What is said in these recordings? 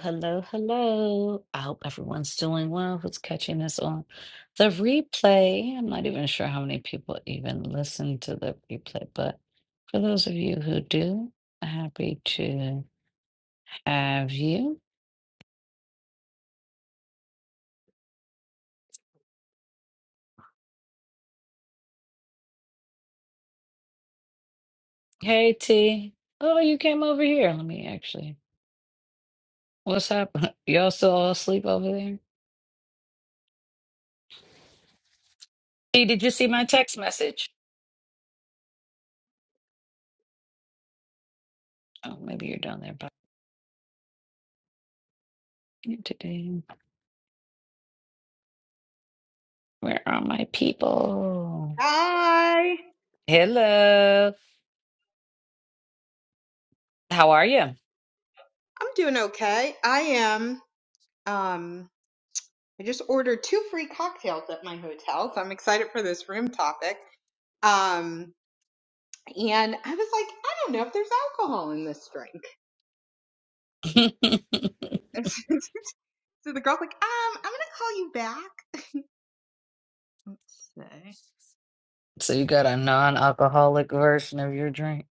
Hello, hello. I hope everyone's doing well who's catching this on the replay. I'm not even sure how many people even listen to the replay, but for those of you who do, happy to have you. Hey, T. Oh, you came over here. Let me actually. What's happening? Y'all still all asleep over there? T, did you see my text message? Oh, maybe you're down there. But today. where are my people? Hi. I'm Hello. How are you? doing okay. I am. Um, I just ordered two free cocktails at my hotel, so I'm excited for this room topic. Um, and I was like, I don't know if there's alcohol in this drink. so the girl's like, um, I'm gonna call you back. Let's see. So you got a non-alcoholic version of your drink.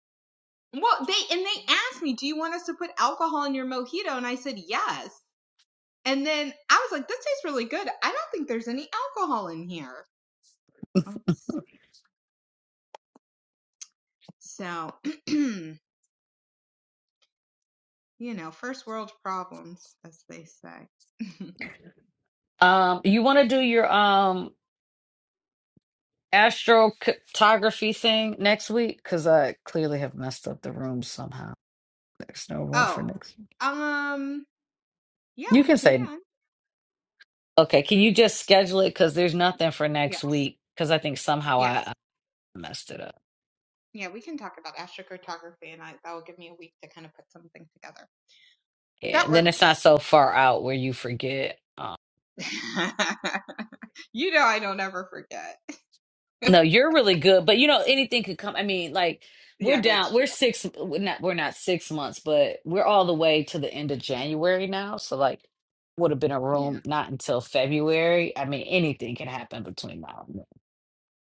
Well, they and they asked me, do you want us to put alcohol in your mojito? And I said yes. And then I was like, this tastes really good. I don't think there's any alcohol in here. Let's see. So. You know, first world problems, as they say. Um, you want to do your um astrocartography thing next week? Because I clearly have messed up the room somehow. There's no room for oh, next week. um, yeah, You we can say, can. okay, can you just schedule it? Because there's nothing for Yes, next week. Because I think somehow yes, I I messed it up. yeah, we can talk about astrocartography, and I, that will give me a week to kind of put something together. Yeah, That then it's not works. so far out where you forget. um, you know, I don't ever forget. No, you're really good, but you know anything could come. I mean, like we're yeah, that's down, true. we're six, we're not, we're not six months, but we're all the way to the end of January now. So like, would have been a Yeah, room not until February. I mean, anything can happen between now and then.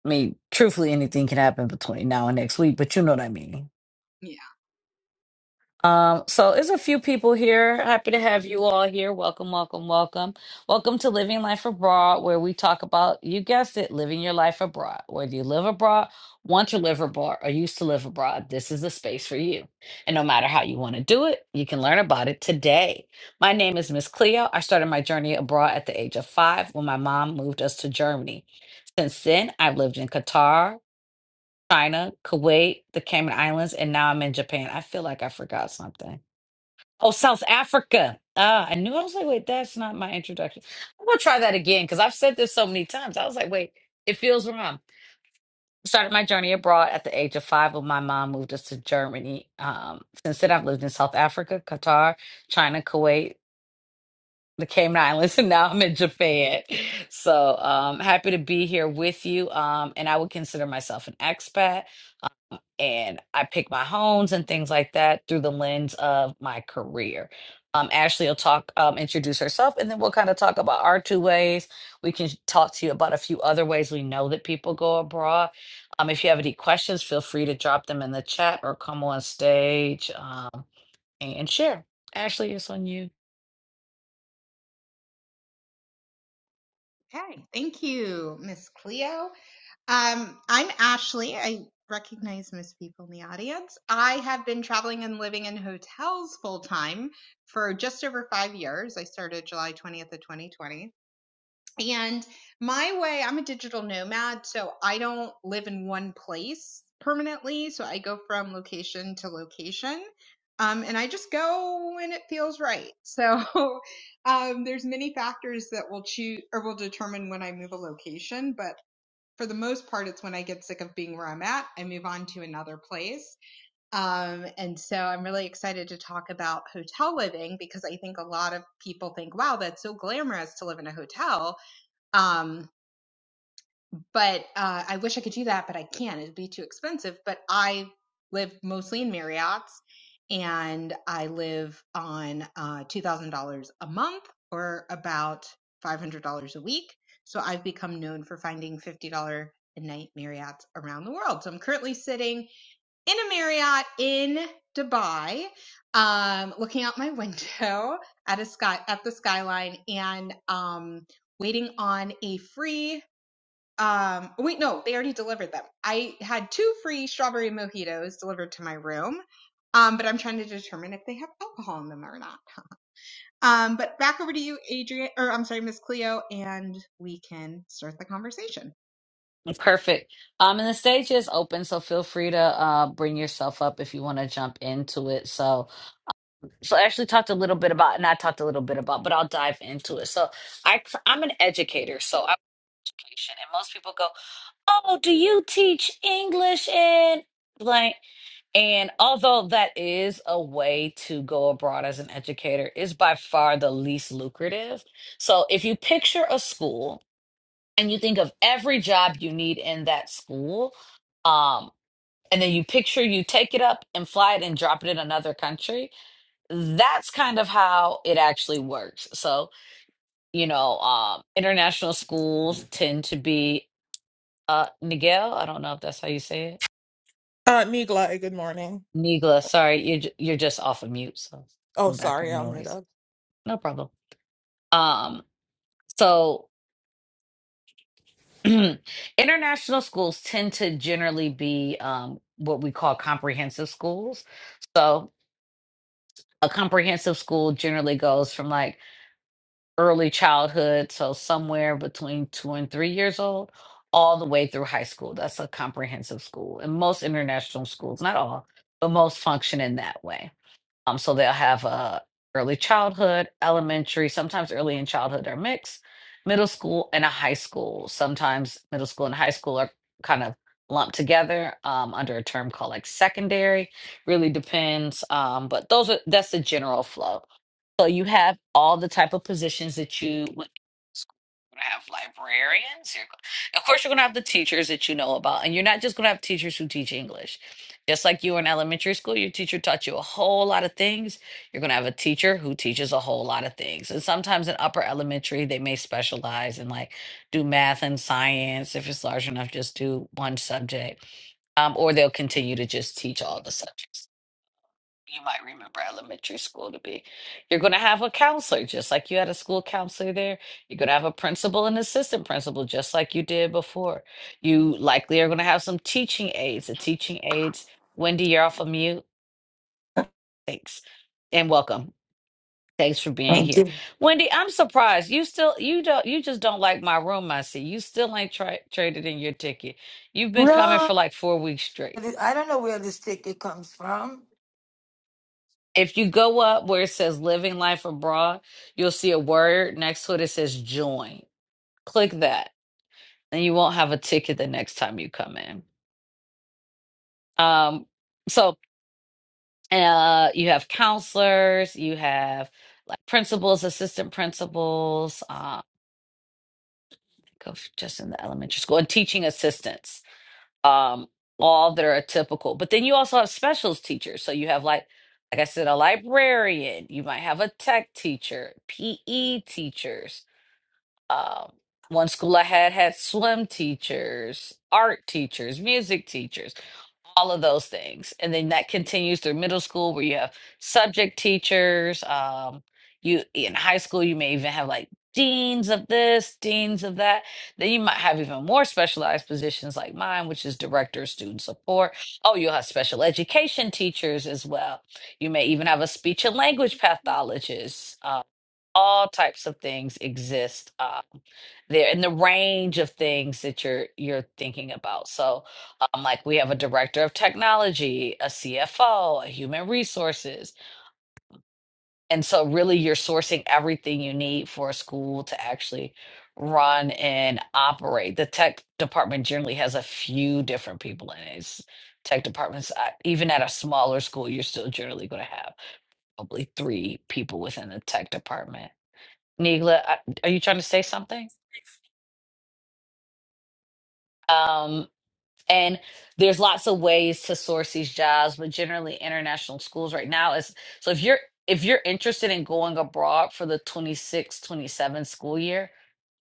I mean, truthfully, anything can happen between now and next week, but you know what I mean. yeah. Um, so there's a few people here. Happy to have you all here. Welcome, welcome, welcome. Welcome to Living Life Abroad, where we talk about, you guessed it, living your life abroad. Whether you live abroad, want to live abroad, or used to live abroad, this is the space for you. And no matter how you want to do it, you can learn about it today. My name is Miss Cleo. I started my journey abroad at the age of five when my mom moved us to Germany. Since then, I've lived in Qatar, China, Kuwait, the Cayman Islands, and now I'm in Japan. I feel like I forgot something. Oh, South Africa. Ah, I knew. I was like, wait, that's not my introduction. I'm gonna try that again because I've said this so many times. I was like, wait, it feels wrong. Started my journey abroad at the age of five when my mom moved us to Germany. Um, since then, I've lived in South Africa, Qatar, China, Kuwait, the Cayman Islands, and now I'm in Japan. So, um, happy to be here with you. Um, and I would consider myself an expat and I pick my homes and things like that through the lens of my career. Um, Ashley will talk, um, introduce herself, and then we'll kind of talk about our two ways. We can talk to you about a few other ways we know that people go abroad. Um, if you have any questions, feel free to drop them in the chat or come on stage um, and share. Ashley, it's on you. Okay, thank you, Miss Cleo. Um, I'm Ashley. I recognize most people in the audience. I have been traveling and living in hotels full time for just over five years. I started July 20th of 2020. And my way, I'm a digital nomad, so I don't live in one place permanently. So I go from location to location. Um, and I just go when it feels right. So um, there's many factors that will choose or will determine when I move a location, but for the most part, it's when I get sick of being where I'm at, I move on to another place. Um, and so I'm really excited to talk about hotel living because I think a lot of people think, wow, that's so glamorous to live in a hotel. Um, but uh, I wish I could do that, but I can't. It'd be too expensive. But I live mostly in Marriott's, and I live on uh, two thousand dollars a month, or about five hundred dollars a week. So I've become known for finding fifty dollar a night Marriott's around the world. So I'm currently sitting in a Marriott in Dubai, um, looking out my window at a sky at the skyline, and um, waiting on a free um, wait, no, they already delivered them. I had two free strawberry mojitos delivered to my room. Um, but I'm trying to determine if they have alcohol in them or not. Um, but back over to you, Adrian, or I'm sorry, Miss Cleo, and we can start the conversation. Perfect. Um, and the stage is open, so feel free to uh, bring yourself up if you want to jump into it. So, so Ashley talked a little bit about, not talked a little bit about, but I'll dive into it. So I, I'm an educator, so I'm education, and most people go, "Oh, do you teach English in blank?" And although that is a way to go abroad as an educator, is by far the least lucrative. So if you picture a school and you think of every job you need in that school, um, and then you picture you take it up and fly it and drop it in another country that's kind of how it actually works. So, you know, um, international schools tend to be uh, Nigel. I don't know if that's how you say it. Uh, Migla, good morning. Nigla, sorry, you're ju- you're just off of mute, so Oh, some sorry, background I'll mute noise. up. No problem. Um, so international schools tend to generally be um, what we call comprehensive schools. So a comprehensive school generally goes from like early childhood, so somewhere between two and three years old, all the way through high school. That's a comprehensive school. And most international schools, not all, but most function in that way. Um, so they'll have uh, early childhood, elementary, sometimes early in childhood are mixed, middle school and a high school. Sometimes middle school and high school are kind of lumped together um, under a term called like secondary. Really depends. Um, but those are that's the general flow. So you have all the type of positions that you would gonna have librarians. You're, go- of course, you're gonna have the teachers that you know about, and you're not just gonna have teachers who teach English. Just like you in elementary school, your teacher taught you a whole lot of things. You're going to have a teacher who teaches a whole lot of things. And sometimes in upper elementary, they may specialize and like do math and science. If it's large enough, just do one subject. Um, or they'll continue to just teach all the subjects you might remember elementary school to be. You're going to have a counselor, just like you had a school counselor there. You're going to have a principal and assistant principal, just like you did before. You likely are going to have some teaching aides. The teaching aides, Wendy, you're off of mute. Thanks. And welcome. Thanks for being Thank here. you. Wendy, I'm surprised. You still you don't you just don't like my room, I see. You still ain't tra- traded in your ticket. You've been coming for No, like four weeks straight. I don't know where this ticket comes from. If you go up where it says living life abroad, you'll see a word next to it that says join. Click that, and you won't have a ticket the next time you come in. Um, so uh, you have counselors, you have like principals, assistant principals, uh, go f- just in the elementary school, and teaching assistants, um, all that are typical. But then you also have specials teachers. So you have like like I said, a librarian. You might have a tech teacher, PE teachers Um, one school I had had swim teachers, art teachers, music teachers, all of those things. And then that continues through middle school where you have subject teachers. Um, you in high school, you may even have like deans of this, deans of that. Then you might have even more specialized positions like mine, which is director of student support. Oh, you'll have special education teachers as well. You may even have a speech and language pathologist all types of things exist uh, there in the range of things that you're you're thinking about. So, um, like we have a director of technology, a CFO, a human resources, and so really you're sourcing everything you need for a school to actually run and operate. The tech department generally has a few different people in it. It's- tech departments, uh, even at a smaller school, you're still generally going to have probably three people within the tech department Nigla, I- are you trying to say something? Um, and there's lots of ways to source these jobs, but generally international schools right now is so if you're if you're interested in going abroad for the 26 27 school year,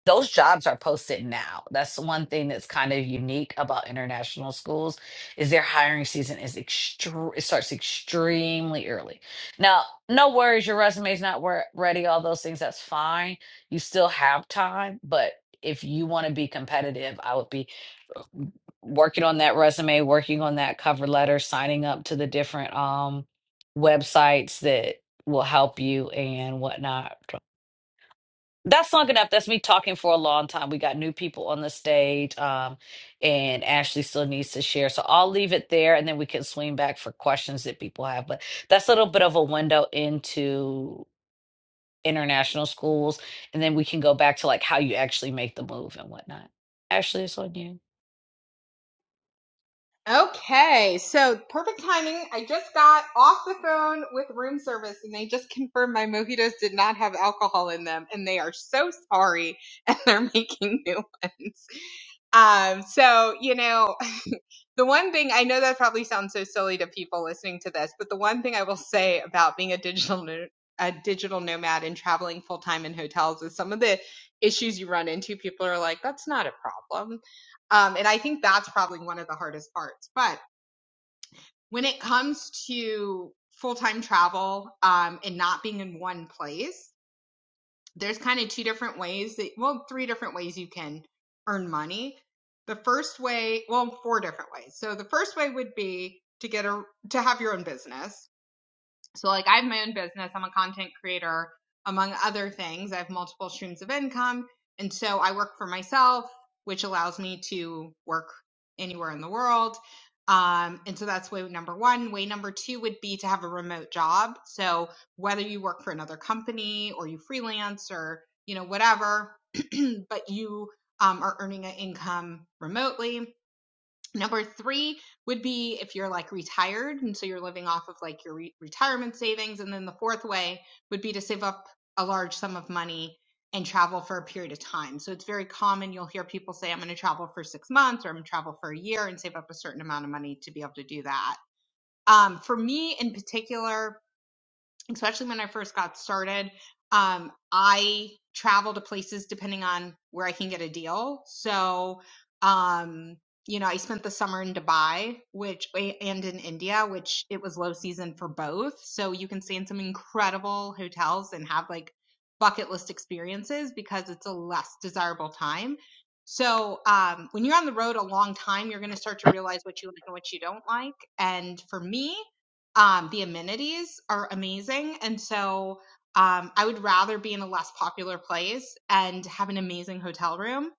those jobs are posted now. That's one thing that's kind of unique about international schools is their hiring season is extreme. It starts extremely early. Now, no worries, your resume is not wor- ready. All those things, that's fine. You still have time, but if you want to be competitive, I would be working on that resume, working on that cover letter, signing up to the different um websites that will help you and whatnot that's long enough. That's me talking for a long time. We got new people on the stage, um, and Ashley still needs to share. So I'll leave it there, and then we can swing back for questions that people have. But that's a little bit of a window into international schools, and then we can go back to like how you actually make the move and whatnot. Ashley, it's on you. Okay, so perfect timing. I just got off the phone with room service and they just confirmed my mojitos did not have alcohol in them and they are so sorry and they're making new ones. Um, so, you know, the one thing I know that probably sounds so silly to people listening to this, but the one thing I will say about being a digital no- a digital nomad and traveling full time in hotels is some of the issues you run into. People are like, "That's not a problem. Um, and I think that's probably one of the hardest parts. But when it comes to full time travel um, and not being in one place, there's kind of two different ways that, well, three different ways you can earn money. The first way, well, four different ways. So the first way would be to get a, to have your own business. So, like, I have my own business, I'm a content creator, among other things. I have multiple streams of income. And so I work for myself, which allows me to work anywhere in the world. Um, and so that's way number one. Way number two would be to have a remote job. So whether you work for another company or you freelance or, you know, whatever, but you um, are earning an income remotely Number three would be if you're like retired and so you're living off of like your re- retirement savings. And then the fourth way would be to save up a large sum of money and travel for a period of time. So it's very common. You'll hear people say, I'm going to travel for six months or I'm going to travel for a year and save up a certain amount of money to be able to do that. Um, for me in particular, especially when I first got started, um, I travel to places depending on where I can get a deal. So, um, you know, I spent the summer in Dubai, which and in India, which it was low season for both. So you can stay in some incredible hotels and have like bucket list experiences because it's a less desirable time. So um, when you're on the road a long time, you're going to start to realize what you like and what you don't like. And for me, um, the amenities are amazing. And so um, I would rather be in a less popular place and have an amazing hotel room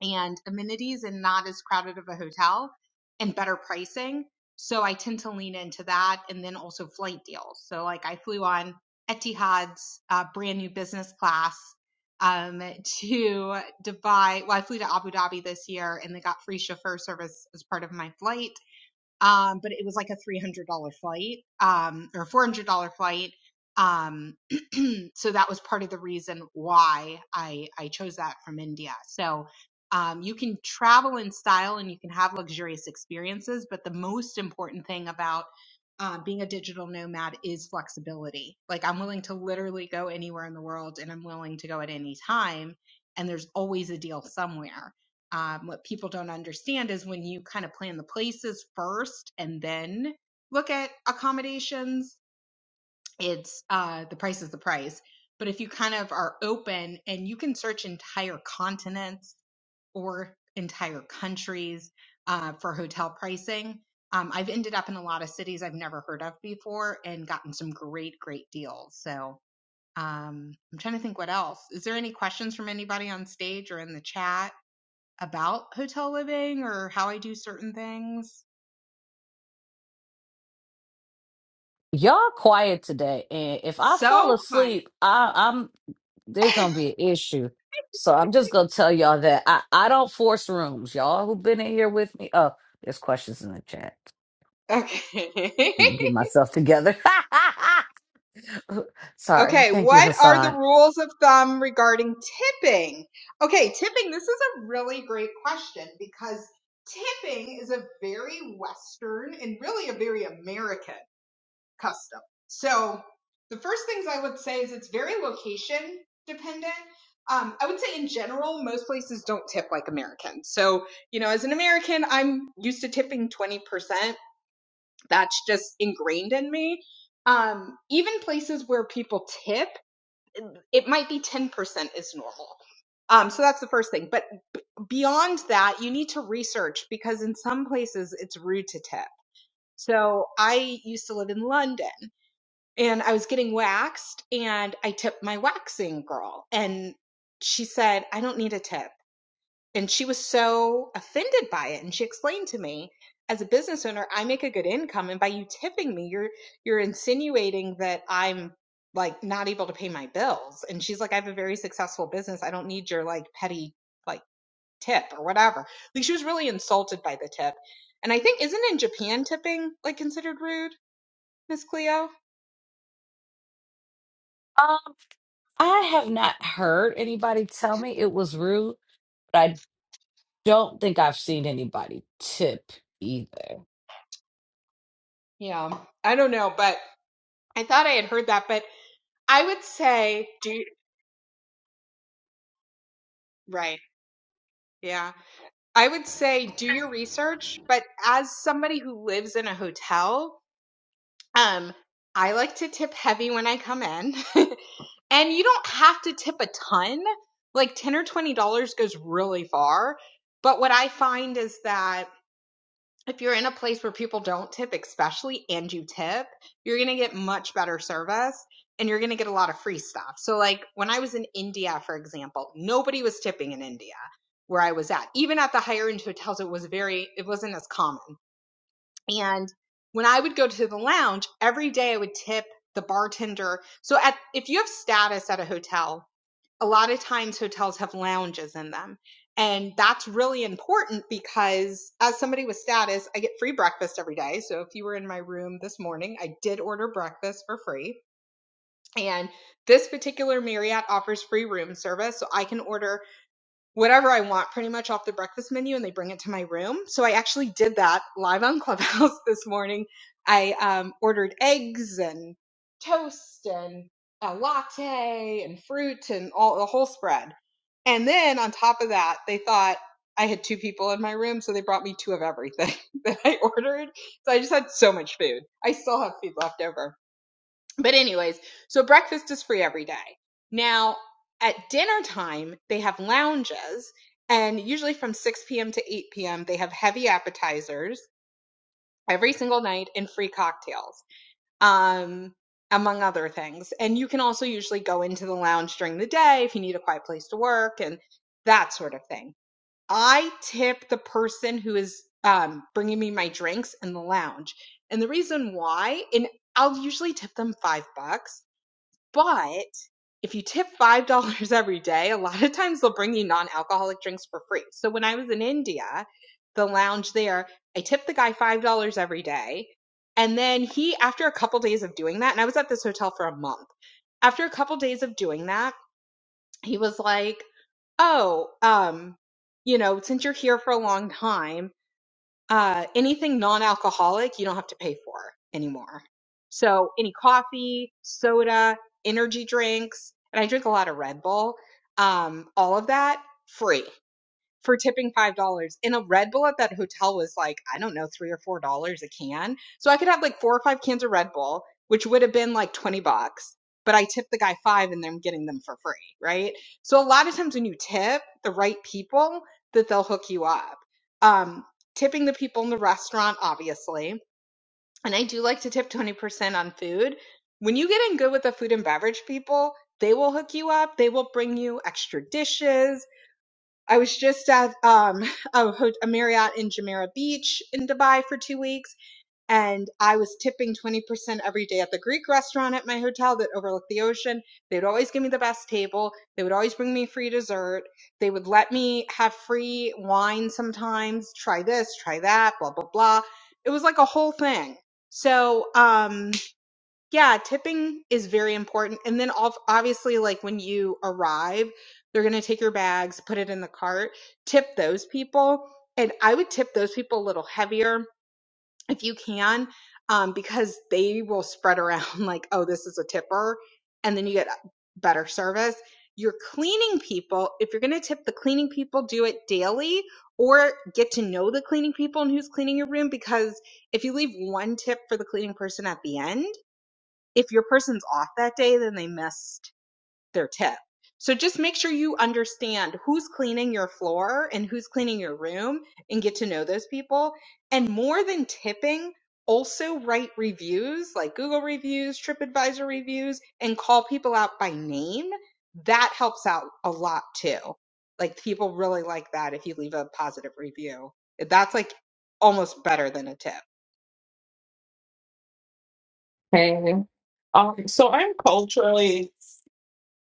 and amenities and not as crowded of a hotel and better pricing. So I tend to lean into that and then also flight deals. So, like, I flew on Etihad's uh, brand new business class um, to Dubai. Well, I flew to Abu Dhabi this year and they got free chauffeur service as part of my flight um, but it was like a three hundred dollar flight, um, or four hundred dollar flight. Um, so that was part of the reason why I I chose that from India. So um, you can travel in style and you can have luxurious experiences, but the most important thing about uh, being a digital nomad is flexibility. Like I'm willing to literally go anywhere in the world, and I'm willing to go at any time. And there's always a deal somewhere um, what people don't understand is when you kind of plan the places first and then look at accommodations, it's uh, the price is the price. But if you kind of are open and you can search entire continents or entire countries uh, for hotel pricing, um, I've ended up in a lot of cities I've never heard of before and gotten some great, great deals. So um, I'm trying to think what else. Is there any questions from anybody on stage or in the chat? about hotel living or how I do certain things. Y'all quiet today, and if I fall So quiet. asleep, I, I'm there's gonna be an issue. So I'm just gonna tell y'all that I, I don't force rooms. Y'all who've been in here with me. Oh, there's questions in the chat. Okay. Let me Get myself together. Sorry. okay. Thank you, What are the Hassan. rules of thumb regarding tipping? Okay, tipping, this is a really great question because tipping is a very Western and really a very American custom. So the first things I would say is it's very location dependent. Um, I would say in general, most places don't tip like Americans. So, you know, as an American, I'm used to tipping 20%. That's just ingrained in me. Um, even places where people tip, it might be 10% is normal. Um, so that's the first thing. But beyond that, you need to research because in some places it's rude to tip. So I used to live in London and I was getting waxed and I tipped my waxing girl and she said, I don't need a tip. And she was so offended by it. And she explained to me, as a business owner, I make a good income. And by you tipping me, you're you're insinuating that I'm like not able to pay my bills. And she's like, I have a very successful business. I don't need your like petty like tip or whatever. Like she was really insulted by the tip. And I think isn't in Japan tipping like considered rude, Miss Cleo? Um, I have not heard anybody tell me it was rude, but I don't think I've seen anybody tip either. Yeah. I don't know, but I thought I had heard that, but I would say do right. Yeah. I would say do your research, but as somebody who lives in a hotel, um I like to tip heavy when I come in. and you don't have to tip a ton. Like 10 or 20 dollars goes really far. But what I find is that if you're in a place where people don't tip, especially, and you tip, you're going to get much better service and you're going to get a lot of free stuff. So, like when I was in India, for example, nobody was tipping in India where I was at. Even at the higher end hotels, it was very, it wasn't as common. And when I would go to the lounge every day, I would tip the bartender. So, at, if you have status at a hotel, a lot of times hotels have lounges in them. And that's really important because as somebody with status, I get free breakfast every day. So if you were in my room this morning, I did order breakfast for free. And this particular Marriott offers free room service. So I can order whatever I want pretty much off the breakfast menu and they bring it to my room. So I actually did that live on Clubhouse this morning. I um, ordered eggs and toast and a latte and fruit and all the whole spread. And then on top of that, they thought I had two people in my room, so they brought me two of everything that I ordered. So I just had so much food. I still have food left over. But anyways, so breakfast is free every day. Now, at dinner time, they have lounges, and usually from 6 p.m. to 8 p.m., they have heavy appetizers every single night and free cocktails, um, among other things. And you can also usually go into the lounge during the day if you need a quiet place to work and that sort of thing. I tip the person who is um, bringing me my drinks in the lounge. And the reason why, and I'll usually tip them five bucks but if you tip $5 every day, a lot of times they'll bring you non alcoholic drinks for free. So when I was in India, the lounge there, I tipped the guy $5 every day. And then he, after a couple days of doing that, and I was at this hotel for a month, after a couple days of doing that, he was like, Oh, um, you know, since you're here for a long time uh, anything non-alcoholic you don't have to pay for anymore. So any coffee, soda, energy drinks, and I drink a lot of Red Bull, um, all of that free for tipping five dollars. And a Red Bull at that hotel was like, I don't know, three or four dollars a can. So I could have like four or five cans of Red Bull, which would have been like twenty bucks. But I tipped the guy five and I'm getting them for free, right? So a lot of times when you tip the right people, that they'll hook you up. Um, tipping the people in the restaurant, obviously. And I do like to tip 20% on food. When you get in good with the food and beverage people, they will hook you up. They will bring you extra dishes I was just at um, a, ho- a Marriott in Jumeirah Beach in Dubai for two weeks, and I was tipping 20% every day at the Greek restaurant at my hotel that overlooked the ocean. They would always give me the best table. They would always bring me free dessert. They would let me have free wine sometimes. Try this, try that, blah, blah, blah. It was like a whole thing. So, um, yeah, tipping is very important. And then ob- obviously, like when you arrive, they're going to take your bags, put it in the cart, tip those people. And I would tip those people a little heavier if you can, um, because they will spread around like, oh, this is a tipper. And then you get better service. Your cleaning people, if you're going to tip the cleaning people, do it daily or get to know the cleaning people and who's cleaning your room. Because if you leave one tip for the cleaning person at the end, if your person's off that day, then they missed their tip. So just make sure you understand who's cleaning your floor and who's cleaning your room and get to know those people. And more than tipping, also write reviews like Google reviews, TripAdvisor reviews, and call people out by name. That helps out a lot too. Like people really like that if you leave a positive review. That's like almost better than a tip. Hey. Um, so I'm culturally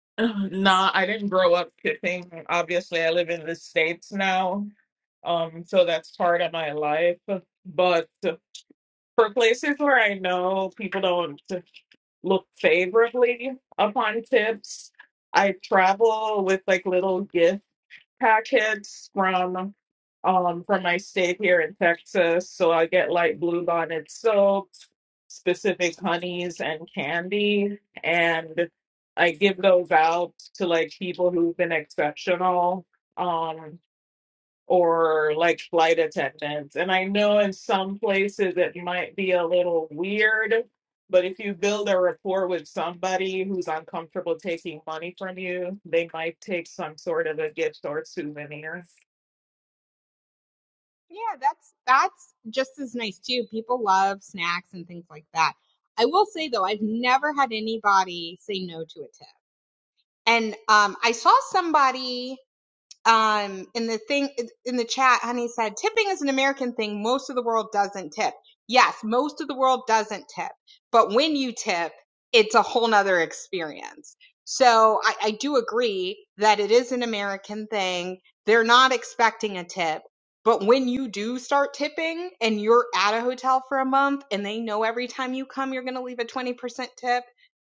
nah, I didn't grow up kissing. Obviously, I live in the States now. Um, so that's part of my life. But for places where I know people don't look favorably upon tips, I travel with like little gifts. packets from um from my state here in Texas. So I get like bluebonnet soaps, specific honeys and candy, and I give those out to like people who've been exceptional. Um or like flight attendants. And I know in some places it might be a little weird, but if you build a rapport with somebody who's uncomfortable taking money from you, they might take some sort of a gift or souvenir. Yeah, that's that's just as nice too. People love snacks and things like that. I will say though, I've never had anybody say no to a tip. And um, I saw somebody um, in the thing in the chat, honey said, tipping is an American thing. Most of the world doesn't tip. Yes, most of the world doesn't tip, but when you tip, it's a whole nother experience. So I, I do agree that it is an American thing. They're not expecting a tip. But when you do start tipping and you're at a hotel for a month and they know every time you come you're going to leave a 20% tip,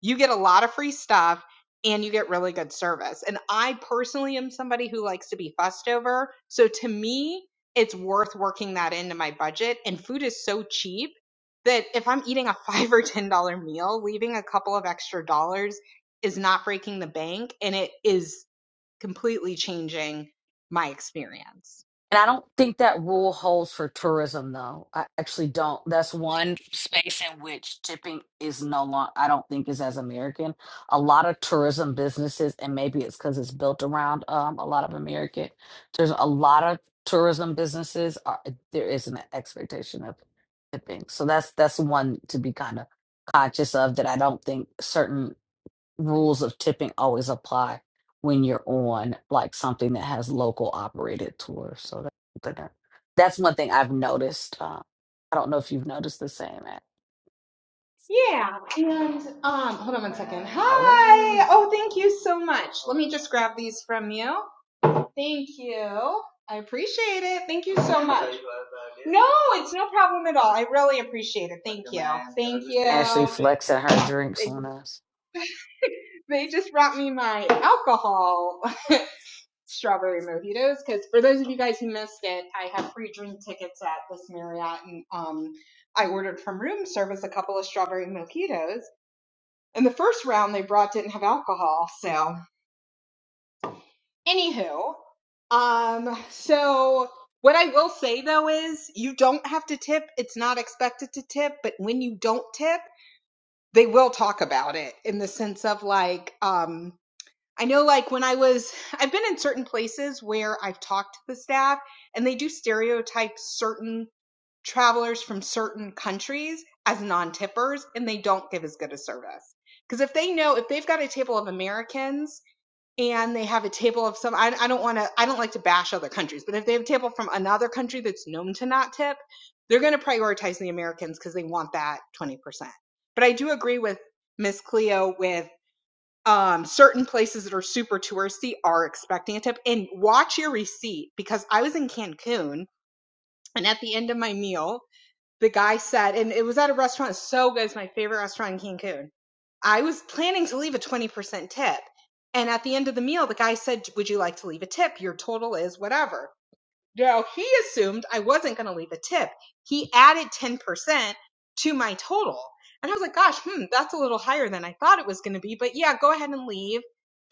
you get a lot of free stuff and you get really good service. And I personally am somebody who likes to be fussed over. So to me, it's worth working that into my budget. And food is so cheap that if I'm eating a five or ten dollar meal, leaving a couple of extra dollars is not breaking the bank and it is completely changing my experience. And I don't think that rule holds for tourism, though. I actually don't. That's one space in which tipping is no longer, I don't think, is as American. A lot of tourism businesses, and maybe it's because it's built around um, a lot of American. There's a lot of tourism businesses. Are, there is an expectation of tipping, so that's that's one to be kind of conscious of that. I don't think certain rules of tipping always apply when you're on like something that has local operated tours. So that, that- that- that's one thing I've noticed. Uh, I don't know if you've noticed the same. Ash- Yeah, and um, hold on one second. Hi. Oh, thank you so much. Let me just grab these from you. Thank you. I appreciate it. Thank you so much. No, it's no problem at all. I really appreciate it. Thank you. Thank Ashley you. flexing her drinks They on us. they just brought me my alcohol strawberry mojitos because for those of you guys who missed it, I have free drink tickets at this Marriott and um I ordered from room service a couple of strawberry mojitos. And the first round they brought didn't have alcohol, so Anywho, um, so what I will say though is you don't have to tip. It's not expected to tip, but when you don't tip, they will talk about it in the sense of like, um, I know like when I was, I've been in certain places where I've talked to the staff and they do stereotype certain travelers from certain countries as non tippers and they don't give as good a service. Because if they know, if they've got a table of Americans and they have a table of some I, I don't want to i don't like to bash other countries but if they have a table from another country that's known to not tip they're going to prioritize the americans because they want that 20% but i do agree with miss cleo with um, certain places that are super touristy are expecting a tip and watch your receipt because i was in cancun and at the end of my meal the guy said and it was at a restaurant so good it's my favorite restaurant in cancun I was planning to leave a 20% tip. And at the end of the meal, the guy said, Would you like to leave a tip? Your total is whatever. Now, he assumed I wasn't going to leave a tip. He added 10% to my total. And I was like, Gosh, hmm, that's a little higher than I thought it was going to be. But yeah, go ahead and leave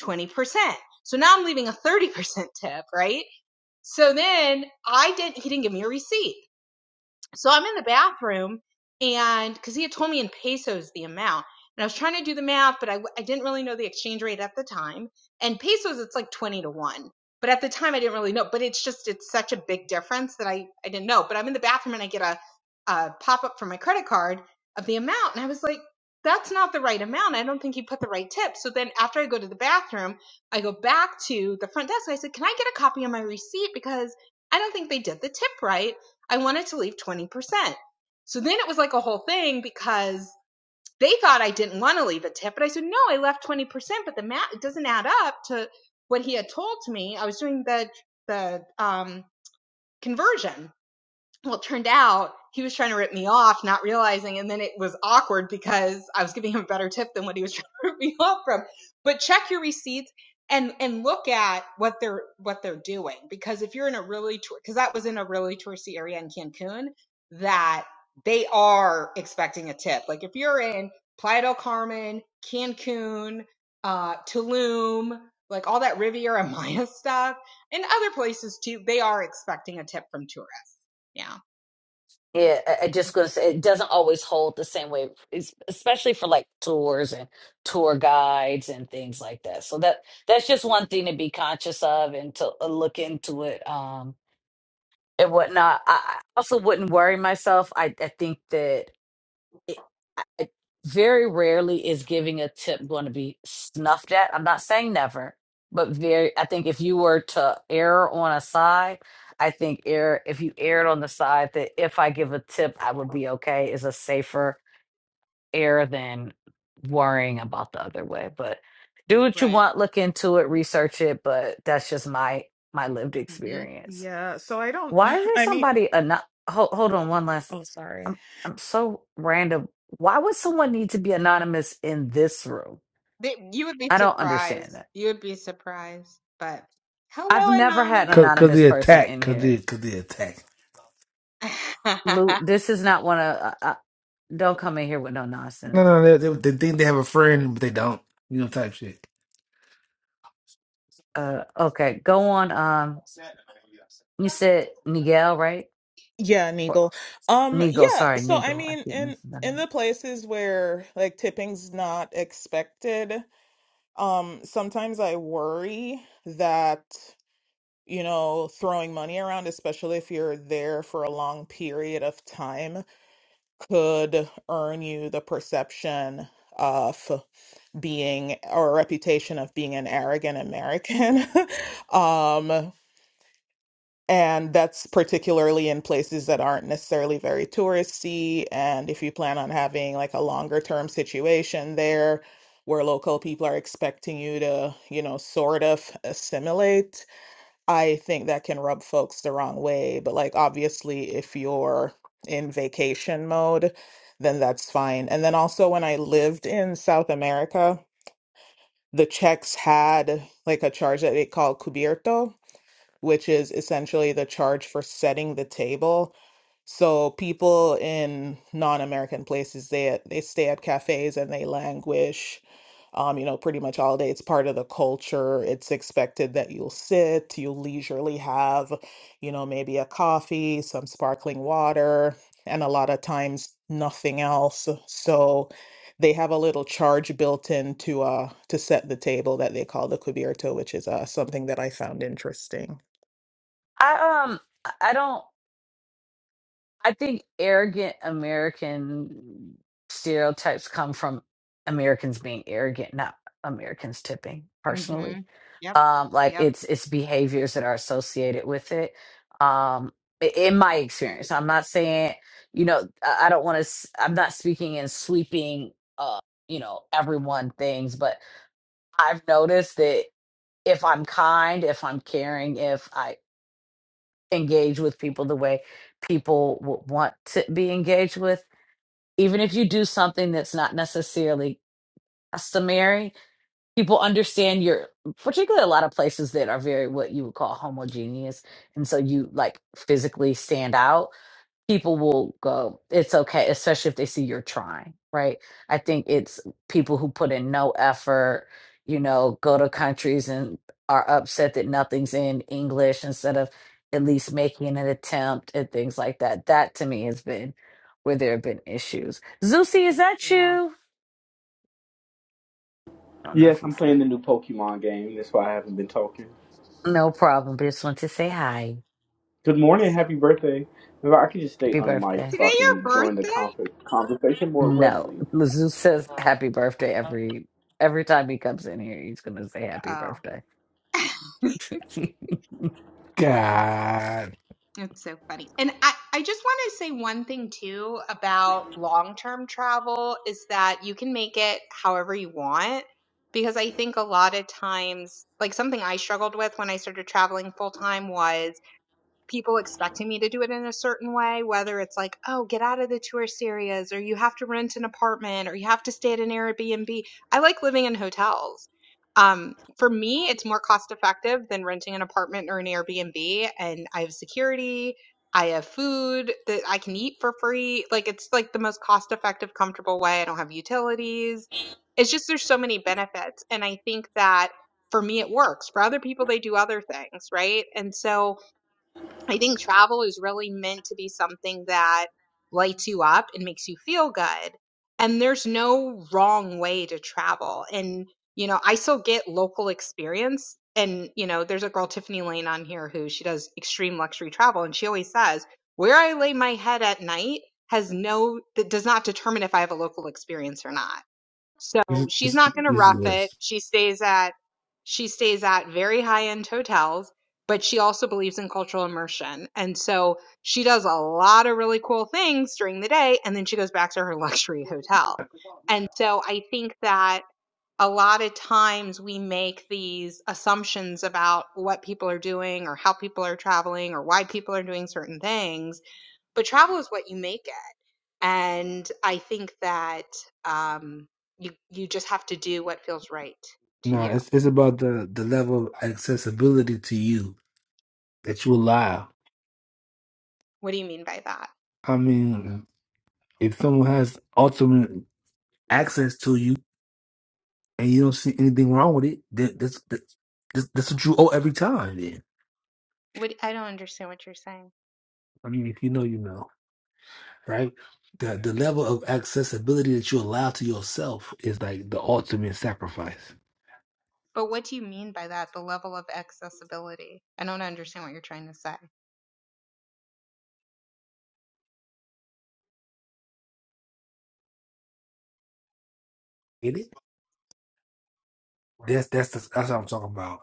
20%. So now I'm leaving a 30% tip, right? So then I didn't, he didn't give me a receipt. So I'm in the bathroom, and because he had told me in pesos the amount, and I was trying to do the math, but I I w- I didn't really know the exchange rate at the time. And pesos, it's like 20 to 1. But at the time, I didn't really know. But it's just, it's such a big difference that I, I didn't know. But I'm in the bathroom, and I get a, a pop up from my credit card of the amount. And I was like, that's not the right amount. I don't think he put the right tip. So then after I go to the bathroom, I go back to the front desk. and I said, can I get a copy of my receipt? Because I don't think they did the tip right I wanted to leave 20%. So then it was like a whole thing because they thought I didn't want to leave a tip, but I said, no, I left 20%, but the math, it doesn't add up to what he had told me. I was doing the, the, um, conversion well, it turned out he was trying to rip me off, not realizing, and then it was awkward because I was giving him a better tip than what he was trying to rip me off from. But check your receipts and and look at what they're what they're doing because if you're in a really tour, because that was in a really touristy area in Cancun, that they are expecting a tip. Like if you're in Playa del Carmen, Cancun, uh, Tulum, like all that Riviera Maya stuff, and other places too, they are expecting a tip from tourists. Yeah. Yeah, I, I Mm. just gonna say it doesn't always hold the same way, es- especially for like tours and tour guides and things like that. So that that's just one thing to be conscious of and to uh, look into it. Um, and whatnot. I I also wouldn't worry myself. I, I think that it, I- very rarely is giving a tip going to be snuffed at. I'm not saying never, but very, I think if you were to err on a side, I think err, if you erred on the side that if I give a tip, I would be okay is a safer error than worrying about the other way. But do what you Right. want, look into it, research it, but that's just my my lived hmm experience. Yeah, so I don't Why is there I mean somebody anon- hold, hold on one last I'm I'm so random. Why would someone need to be anonymous in this room? They, you would be I don't surprised. understand that. You would be surprised. But I've hello, never had an Cause, anonymous. cause anonymous they person attack. in Cause here. they, cause they attack. Lou, this is not one of. Uh, uh, don't come in here with no No, nonsense. no, they, they, they think they have a friend, but they don't. You know, type shit. Uh, okay, go on. Um, you said Nigel, right? yeah, Or Nigel. Um Nigel? yeah, Sorry, so I Nigel. I mean keep in messing that in up. the places where like tipping's not expected, um sometimes I worry that you know, throwing money around, especially if you're there for a long period of time, could earn you the perception of being or a reputation of being an arrogant American. um, and that's particularly in places that aren't necessarily very touristy. And if you plan on having like a longer term situation there, where local people are expecting you to, you know, sort of assimilate, I think that can rub folks the wrong way, but like obviously if you're in vacation mode, then that's fine. And then also when I lived in South America, the Czechs had like a charge that they call cubierto, which is essentially the charge for setting the table. So people in non-American places, they they stay at cafes and they languish, um, you know, pretty much all day. It's part of the culture. It's expected that you'll sit, you'll leisurely have, you know, maybe a coffee, some sparkling water, and a lot of times nothing else. So they have a little charge built in to uh to set the table that they call the cubierto, which is uh something that I found interesting. I um, I I don't. I think arrogant American stereotypes come from Americans being arrogant, not Americans tipping hmm personally. Yep. Um, like Yep. it's it's behaviors that are associated with it. Um, i- in my experience, I'm not saying you know I I don't want to. I'm not speaking in sweeping, uh, you know, everyone things, but I've noticed that if I'm kind, if I'm caring, if I engage with people the way people w- want to be engaged with. Even if you do something that's not necessarily customary, people understand your. particularly a lot of places that are very what you would call homogeneous. And so you like physically stand out people will go, it's okay, especially if they see you're trying, right? I think it's people who put in no effort, you know, go to countries and are upset that nothing's in English instead of at least making an attempt and things like that. That to me has been where there have been issues. Zusi, is that Yeah. you? I don't know Yes, if you I'm see. playing the new Pokemon game. That's why I haven't been talking. No problem, but just want to say hi. Good It's morning, so. happy birthday. If I could just stay Happy on mic birthday. so Today I your can join the birthday? confer- conversation more No, readily. Zoo says happy birthday every every time he comes in here. He's gonna say happy Oh, birthday. God, it's so funny. And I, I just want to say one thing too about long term travel is that you can make it however you want. Because I think a lot of times, like something I struggled with when I started traveling full time was people expecting me to do it in a certain way, whether it's like, oh, get out of the tourist areas, or you have to rent an apartment, or you have to stay at an Airbnb. I like living in hotels. Um, for me, it's more cost effective than renting an apartment or an Airbnb, and I have security. I have food that I can eat for free. Like it's like the most cost effective, comfortable way. I don't have utilities. It's just there's so many benefits. And I think that for me, it works. For other people, they do other things, right? And so I think travel is really meant to be something that lights you up and makes you feel good. And there's no wrong way to travel. And, you know, I still get local experience. And, you know, there's a girl, Tiffany Lane, on here who she does extreme luxury travel. And she always says, where I lay my head at night has no, that does not determine if I have a local experience or not so this, she's this, not going to this rough is it. this. She stays at she stays at very high-end hotels, but she also believes in cultural immersion. And so she does a lot of really cool things during the day and then she goes back to her luxury hotel. And so I think that a lot of times we make these assumptions about what people are doing or how people are traveling or why people are doing certain things, but travel is what you make it and I think that um, you you just have to do what feels right to No, you. it's it's about the the level of accessibility to you that you allow. What do you mean by that? I mean, if someone has ultimate access to you and you don't see anything wrong with it, then that's that's, that's what you owe every time. Then What I don't understand what you're saying. I mean, if you know, you know. right? The the level of accessibility that you allow to yourself is like the ultimate sacrifice. But what do you mean by that? The level of accessibility. I don't understand what you're trying to say. Get it? That's that's the, that's what I'm talking about.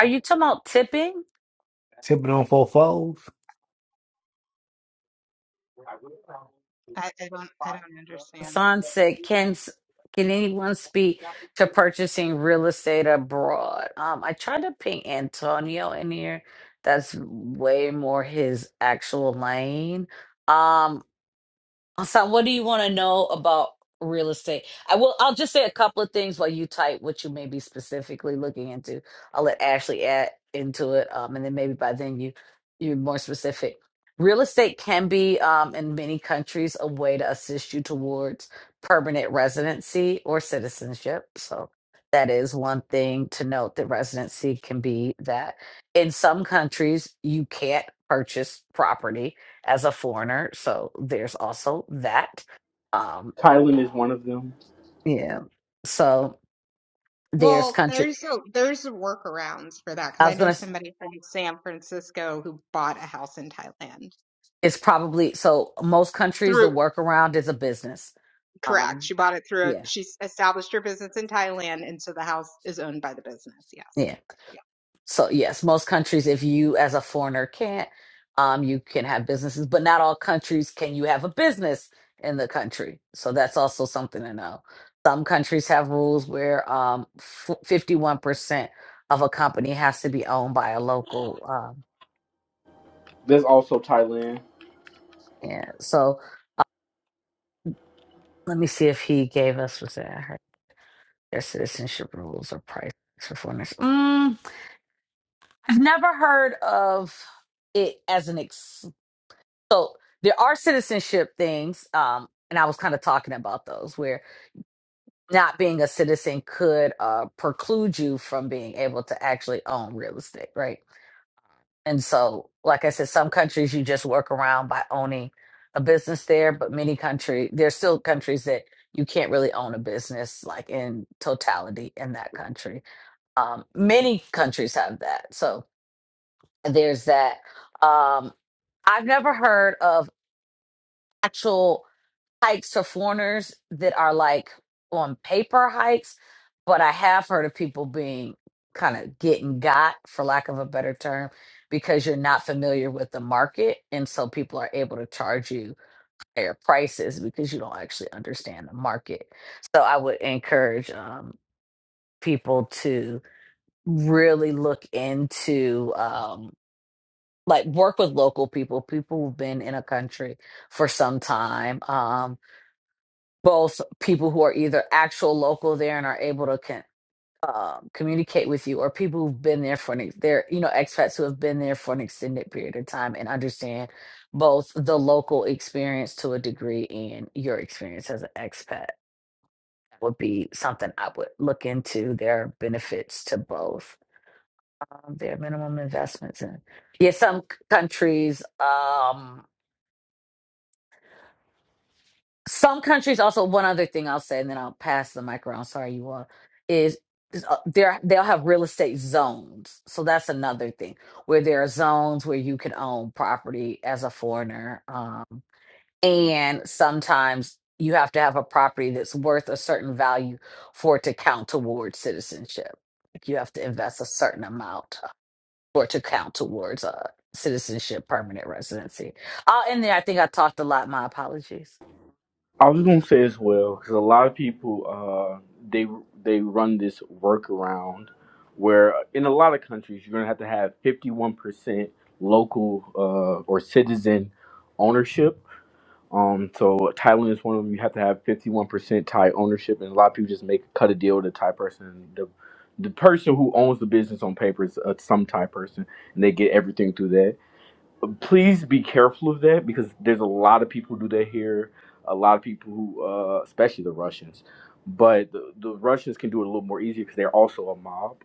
Are you talking about tipping? Tipping on four fours. I, I don't. I don't understand. Hassan said, "Can s- can anyone speak to purchasing real estate abroad?" Um, I tried to ping Antonio in here. That's way more his actual lane. Um, Hassan, what do you want to know about real estate? I will. I'll just say a couple of things while you type what you may be specifically looking into. I'll let Ashley add into it, um, and then maybe by then you you're more specific. Real estate can be um, in many countries a way to assist you towards permanent residency or citizenship. So that is one thing to note that residency can be that. In some countries, you can't purchase property as a foreigner. So there's also that. Um, Thailand is one of them. yeah. So there's Well, country. there's a, there's workarounds for that I because I was gonna. know s- somebody from San Francisco who bought a house in Thailand It's probably so. Most countries, the through workaround is a business. correct. Um, She bought it through. yeah, She established her business in Thailand, and so the house is owned by the business. Yes. yeah. Yeah. So yes, most countries, if you as a foreigner can't, um, you can have businesses, but not all countries can you have a business in the country. So that's also something to know. Some countries have rules where um, f- fifty-one percent of a company has to be owned by a local. Um, There's also Thailand. yeah. So let me see if he gave us was that I heard their citizenship rules or price for foreigners. Mm, I've never heard of it as an ex. So there are citizenship things, um, and I was kind of talking about those where not being a citizen could uh, preclude you from being able to actually own real estate, right? And so, like I said, some countries you just work around by owning a business there, but many country there's still countries that you can't really own a business like in totality in that country. Um, many countries have that, so there's that. Um, I've never heard of actual hikes for foreigners that are like on paper hikes, but I have heard of people being kind of getting got, for lack of a better term, because you're not familiar with the market. And so people are able to charge you higher prices because you don't actually understand the market. So I would encourage um, people to really look into. Um, like work with local people people who've been in a country for some time um both people who are either actual local there and are able to con- um, communicate with you, or people who've been there for an ex- they're you know expats who have been there for an extended period of time and understand both the local experience to a degree and your experience as an expat would be something I would look into. There are benefits to both um, their minimum investments and yeah, some c- countries. Um, some countries also one other thing i'll say and then i'll pass the mic around sorry you all is is, uh, there they'll have real estate zones so that's another thing where there are zones where you can own property as a foreigner um, and sometimes you have to have a property that's worth a certain value for it to count towards citizenship Like, you have to invest a certain amount for it to count towards uh, citizenship permanent residency uh, and then i think i talked a lot my apologies I was gonna say as well, because a lot of people, uh, they they run this workaround where in a lot of countries you're gonna have to have 51% local uh, or citizen ownership Um, so Thailand is one of them. You have to have fifty-one percent Thai ownership, and a lot of people just make cut a deal with a Thai person. The the person who owns the business on paper is uh, some Thai person, and they get everything through that. Please be careful of that because there's a lot of people who do that here. A lot of people who, uh, especially the Russians, but the, the Russians can do it a little more easier because they're also a mob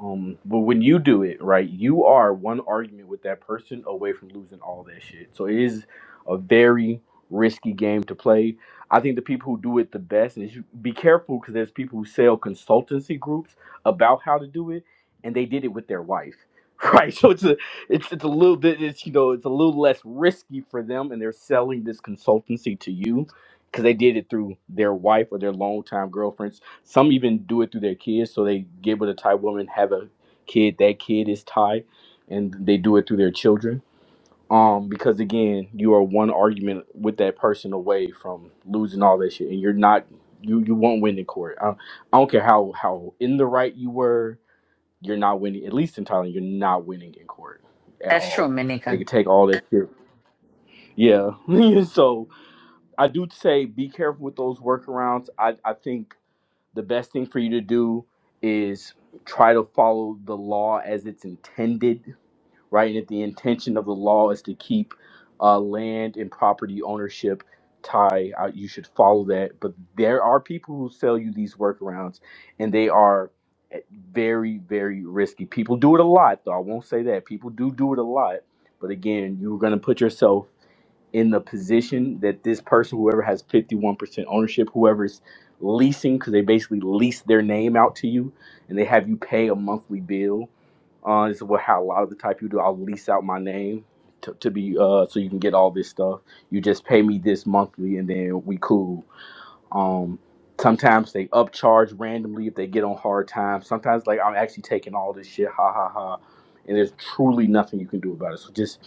um, but when you do it right, you are one argument with that person away from losing all that shit. So it is a very risky game to play. I think the people who do it the best, and you be careful because there's people who sell consultancy groups about how to do it, and they did it with their wife, right? So it's a it's it's a little bit it's you know it's a little less risky for them, and they're selling this consultancy to you because they did it through their wife or their longtime girlfriend. Some even do it through their kids, so they get with a Thai woman, have a kid. That kid is Thai, and they do it through their children. Um, because again, you are one argument with that person away from losing all that shit, and you're not. You you won't win in court. I, I don't care how how in the right you were. You're not winning. At least in Thailand, you're not winning in court at that's true all. in many They countries can take all that shit. Yeah. so I do say be careful with those workarounds. I I think the best thing for you to do is try to follow the law as it's intended, right? And if the intention of the law is to keep uh, land and property ownership tie, uh, you should follow that. But there are people who sell you these workarounds, and they are eh, very, very risky. People do it a lot, though. I won't say that. People do do it a lot. But again, you're going to put yourself in the position that this person, whoever has 51% ownership, whoever's leasing, because they basically lease their name out to you and they have you pay a monthly bill. Uh, this is what how a lot of the type you do. I'll lease out my name to, to be uh, so you can get all this stuff. You just pay me this monthly and then we cool. Um, sometimes they upcharge randomly if they get on hard times. Sometimes like I'm actually taking all this shit, ha ha ha, and there's truly nothing you can do about it. So just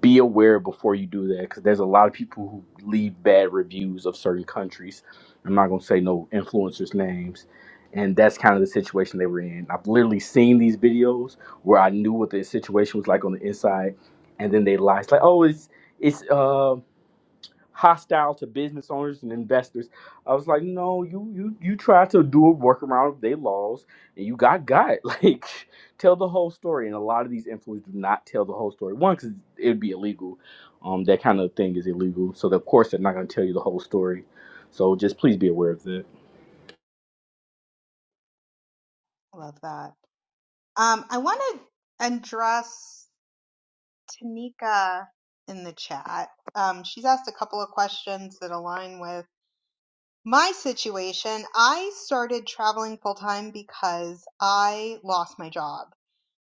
be aware before you do that because there's a lot of people who leave bad reviews of certain countries. I'm not gonna say no influencers' names. And that's kind of the situation they were in. I've literally seen these videos where I knew what the situation was like on the inside, and then they lie. It's like, oh, it's it's um hostile to business owners and investors. I was like, no, you you you tried to do a workaround of their laws and you got got. Like, tell the whole story. And a lot of these influencers do not tell the whole story. One, because it would be illegal. Um, that kind of thing is illegal. So of course they're not going to tell you the whole story. So just please be aware of that. I love that. Um, I want to address Tanika in the chat. Um, she's asked a couple of questions that align with my situation. I started traveling full time because I lost my job.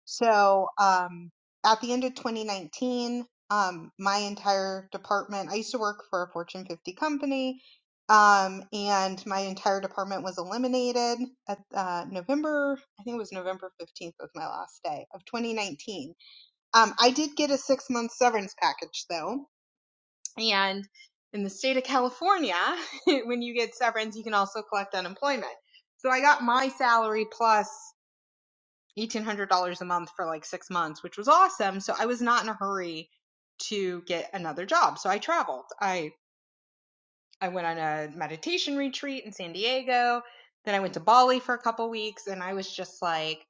So um, at the end of 2019, um, my entire department, I used to work for a Fortune 50 company, um, and my entire department was eliminated at uh, November, I think it was November 15th was my last day of 2019. Um, I did get a six month severance package though, and in the state of California, when you get severance, you can also collect unemployment. So I got my salary plus $1,800 a month for like six months, which was awesome. So I was not in a hurry to get another job. So I traveled. I, I went on a meditation retreat in San Diego. Then I went to Bali for a couple weeks and I was just like,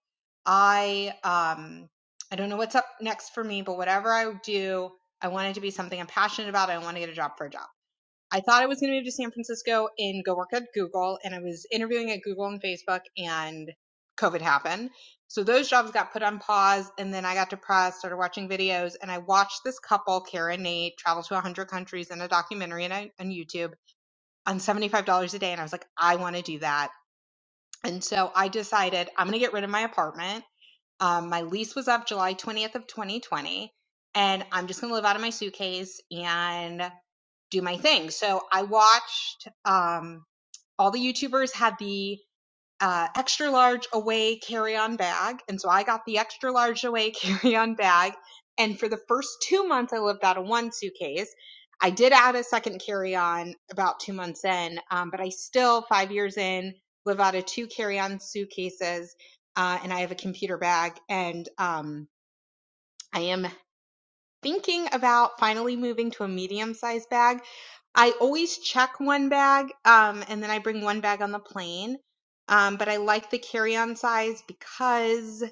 I, um, I don't know what's up next for me, but whatever I do, I want it to be something I'm passionate about. I want to get a job for a job. I thought I was going to move to San Francisco and go work at Google, and I was interviewing at Google and Facebook, and COVID happened. So those jobs got put on pause, and then I got depressed, started watching videos, and I watched this couple, Kara and Nate, travel to 100 countries in a documentary and on on YouTube on $75 a day. And I was like, I want to do that. And so I decided I'm going to get rid of my apartment. Um, my lease was up July 20th of 2020, and I'm just going to live out of my suitcase and do my thing. So I watched um, all the YouTubers had the uh, extra large away carry on bag. And so I got the extra large away carry on bag. And for the first two months, I lived out of one suitcase. I did add a second carry on about two months in, um, but I still, five years in, live out of two carry on suitcases. Uh, and I have a computer bag. And um, I am thinking about finally moving to a medium sized bag. I always check one bag um, and then I bring one bag on the plane. Um, but I like the carry on size because,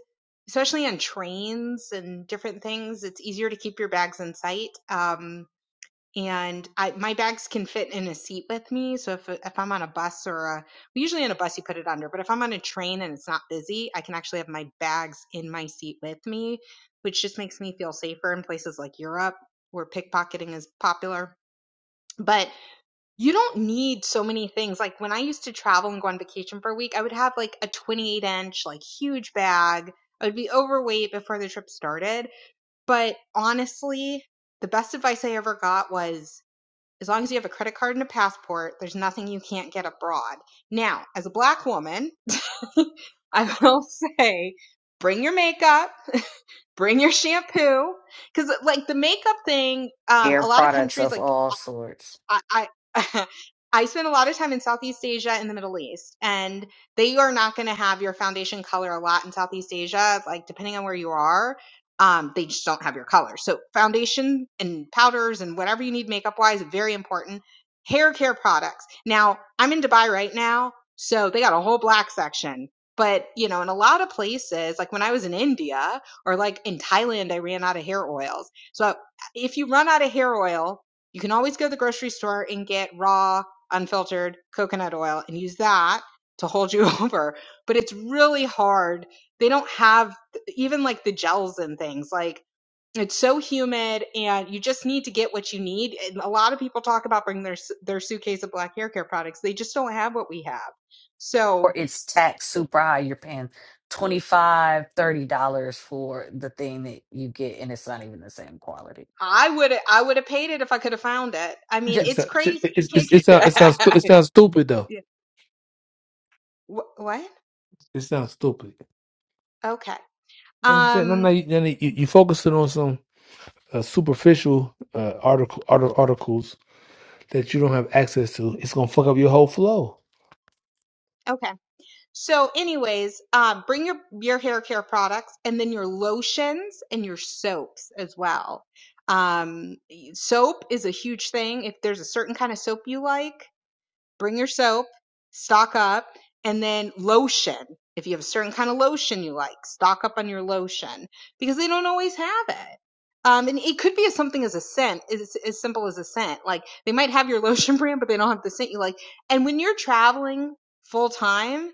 especially on trains and different things, it's easier to keep your bags in sight. Um, and I, my bags can fit in a seat with me. So if if I'm on a bus or a well, usually on a bus you put it under, but if I'm on a train and it's not busy, I can actually have my bags in my seat with me, which just makes me feel safer in places like Europe where pickpocketing is popular. But you don't need so many things. Like when I used to travel and go on vacation for a week, I would have like a 28 inch, like huge bag. I would be overweight before the trip started. But honestly, the best advice I ever got was as long as you have a credit card and a passport, there's nothing you can't get abroad. Now, as a black woman, I will say bring your makeup, bring your shampoo. Because, like, the makeup thing, um, Air a lot of products countries, of like, all sorts. I, I I spend a lot of time in Southeast Asia and the Middle East, and they are not going to have your foundation color a lot in Southeast Asia. Like depending on where you are, um, they just don't have your color. So foundation and powders and whatever you need makeup wise, very important. Hair care products. Now I'm in Dubai right now, so they got a whole black section. But you know, in a lot of places, like when I was in India or like in Thailand, I ran out of hair oils. So if you run out of hair oil, you can always go to the grocery store and get raw, unfiltered coconut oil and use that to hold you over. But it's really hard. They don't have even like the gels and things. Like it's so humid and you just need to get what you need. And a lot of people talk about bringing their their suitcase of black hair care products. They just don't have what we have. Or So it's taxed super high. You're paying twenty five, thirty dollars for the thing that you get, and it's not even the same quality. I would I would have paid it if I could have found it. I mean, Ju- Shit, it's sound- shit, crazy. It, You it, it, can't it get sounds it sounds stu- that. it sounds stupid though. what? It sounds stupid. Okay. I'm saying, then no, Um. you, no, no, you, you focusing on some uh, superficial uh, article, arti- articles that you don't have access to. It's gonna fuck up your whole flow. Okay. So, anyways, um, bring your your hair care products and then your lotions and your soaps as well. Um, y- soap is a huge thing. If there's a certain kind of soap you like, bring your soap, stock up, and then lotion. If you have a certain kind of lotion you like, stock up on your lotion because they don't always have it. Um, and it could be as something as a scent, as, as simple as a scent. Like they might have your lotion brand, but they don't have the scent you like. And when you're traveling full time,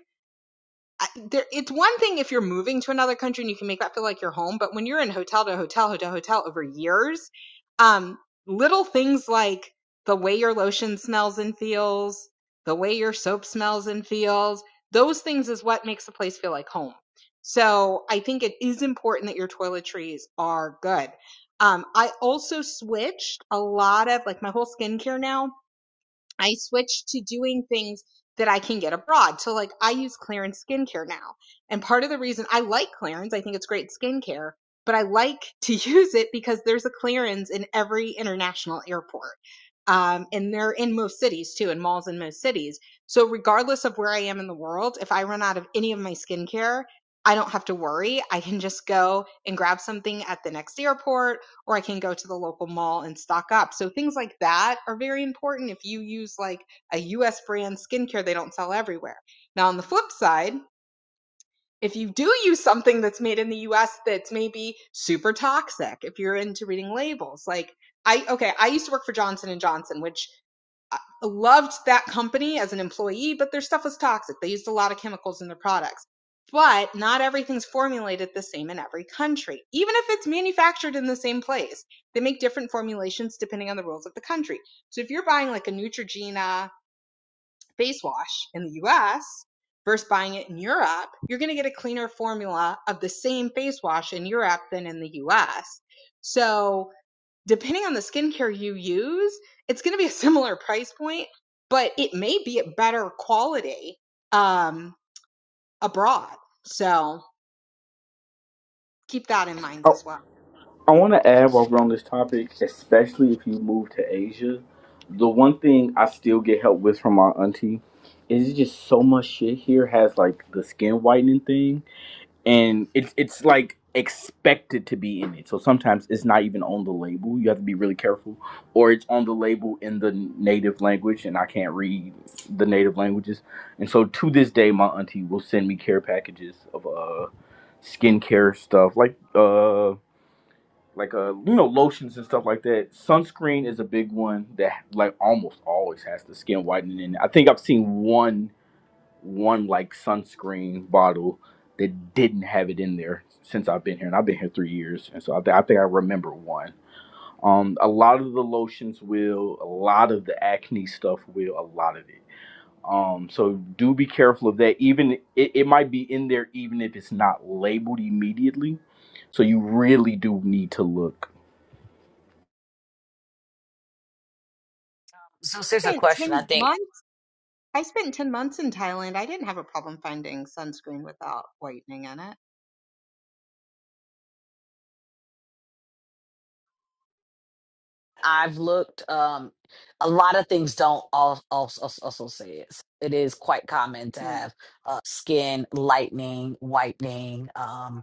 I, there, it's one thing if you're moving to another country and you can make that feel like your home, but when you're in hotel to hotel, hotel, hotel over years, um, little things like the way your lotion smells and feels, the way your soap smells and feels, those things is what makes the place feel like home. So I think it is important that your toiletries are good. Um, I also switched a lot of like my whole skincare now I switched to doing things that I can get abroad. So like I use Clarins skincare now. And part of the reason I like Clarins, I think it's great skincare, but I like to use it because there's a Clarins in every international airport. Um, and they're in most cities too, in malls in most cities. So regardless of where I am in the world, if I run out of any of my skincare, I don't have to worry. I can just go and grab something at the next airport or I can go to the local mall and stock up. So things like that are very important. If you use like a US brand skincare, they don't sell everywhere. Now, on the flip side, if you do use something that's made in the US that's maybe super toxic, if you're into reading labels, like I okay, I used to work for Johnson and Johnson, which I loved that company as an employee, but their stuff was toxic. They used a lot of chemicals in their products. But not everything's formulated the same in every country, even if it's manufactured in the same place. They make different formulations depending on the rules of the country. So if you're buying like a Neutrogena face wash in the US versus buying it in Europe, you're going to get a cleaner formula of the same face wash in Europe than in the US. So depending on the skincare you use, it's going to be a similar price point, but it may be a better quality um, abroad. So keep that in mind as well. I want to add while we're on this topic, especially if you move to Asia, the one thing I still get help with from my auntie is it's just so much shit here has like the skin whitening thing, and it's it's like expected to be in it. So sometimes it's not even on the label. You have to be really careful, or it's on the label in the native language, and I can't read the native languages. And so to this day, my auntie will send me care packages of uh skincare stuff like uh like uh you know lotions and stuff like that. Sunscreen is a big one that like almost always has the skin whitening in it. I think I've seen one one like sunscreen bottle that didn't have it in there since I've been here, and I've been here three years, and so I, thi- I think I remember one. Um, a lot of the lotions will, a lot of the acne stuff will, a lot of it. Um, so do be careful of that. Even it, it might be in there, even if it's not labeled immediately. So you really do need to look So, I here's a spent question I 10 think months. I spent 10 months in Thailand. I didn't have a problem finding sunscreen without whitening in it. I've looked, um, a lot of things don't also, also, also say it. It is quite common to hmm have uh, skin lightening, whitening. Um,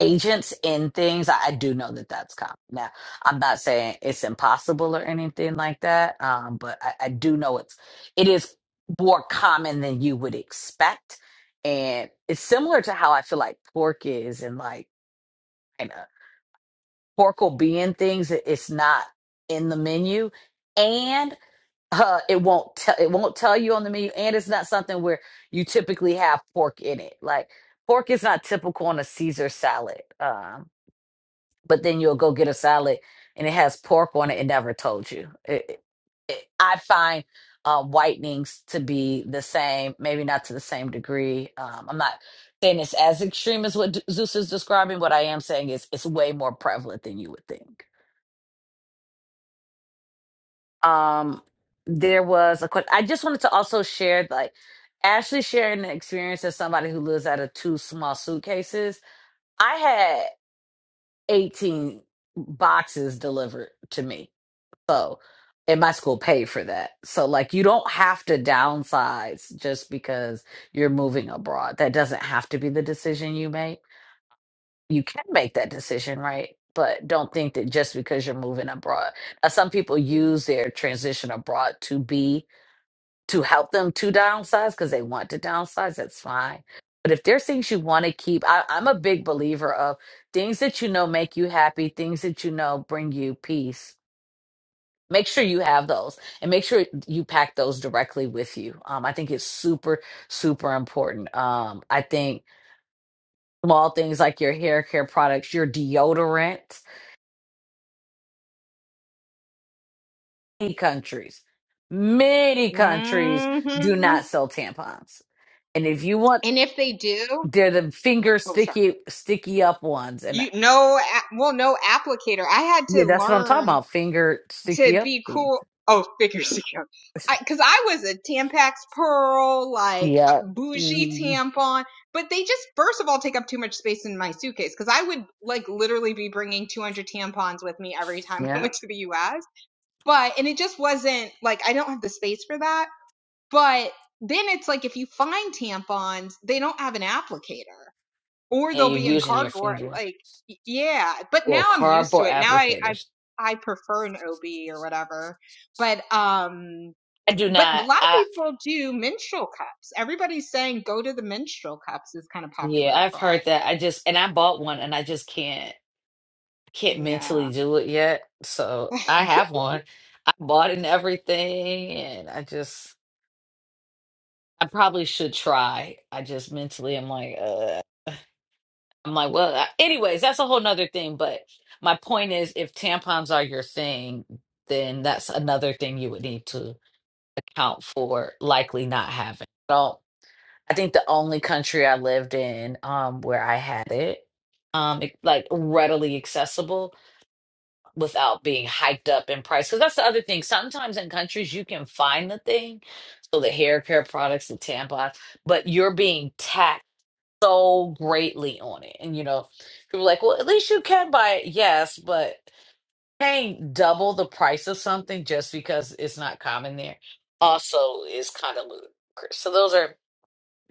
agents in things. I, I do know that that's common. Now, I'm not saying it's impossible or anything like that, um, but I, I do know it's it is more common than you would expect, and it's similar to how I feel like pork is, and like kind of pork will be in things. that It's not in the menu, and uh, it won't tell it won't tell you on the menu, and it's not something where you typically have pork in it, like. Pork is not typical on a Caesar salad. Um but then you'll go get a salad and it has pork on it and never told you. It, it, it- I find uh, whitenings to be the same, maybe not to the same degree. Um, I'm not saying it's as extreme as what D- Zeus is describing. What I am saying is it's way more prevalent than you would think. Um, there was a question. I just wanted to also share, like, Ashley sharing the experience as somebody who lives out of two small suitcases. I had 18 boxes delivered to me So, and my school paid for that. So, like, you don't have to downsize just because you're moving abroad. That doesn't have to be the decision you make. You can make that decision, right? But don't think that just because you're moving abroad. Now, some people use their transition abroad to be to help them to downsize because they want to downsize. That's fine. But if there's things you want to keep, I, I'm a big believer of things that you know make you happy, things that you know bring you peace make sure you have those and make sure you pack those directly with you um, i think it's super super important um, i think small things like your hair care products your deodorant many countries many countries do not sell tampons and if you want And if they do, they're the finger oh, sorry. sticky sticky up ones and You no, well, no applicator. I had to yeah that's what i'm talking learn about finger to sticky up be things cool. Oh, figure secure. Because I, cause I was a Tampax Pearl, like yeah uh, bougie Mm, tampon, but they just, first of all, take up too much space in my suitcase. Cause I would like literally be bringing 200 tampons with me every time I yeah went to the US. But, and it just wasn't like, I don't have the space for that. But then it's like, if you find tampons, they don't have an applicator or and they'll you're be in using your cardboard. finger Like, y- yeah. But or now I'm used to cardboard it. Now I, I, applicators I prefer an OB or whatever. But, um, I do but a not. lot of I people do menstrual cups. Everybody's saying go to the menstrual cups is kind of yeah, popular I've abroad. heard that. I just and I bought one and I just can't can't Yeah. mentally do it yet. So I have one. I bought it and everything and I just I probably should try. I just mentally I'm like uh I'm like well I- anyways, that's a whole nother thing, but my point is if tampons are your thing, then that's another thing you would need to account for likely not having. I think the only country I lived in um, where I had it, um, it- like readily accessible without being hiked up in price. Because that's the other thing. Sometimes in countries you can find the thing, so the hair care products, the tampons, but you're being taxed so greatly on it. And you know, people are like, well, at least you can buy it. Yes, but paying double the price of something just because it's not common there also is kind of ludicrous. So those are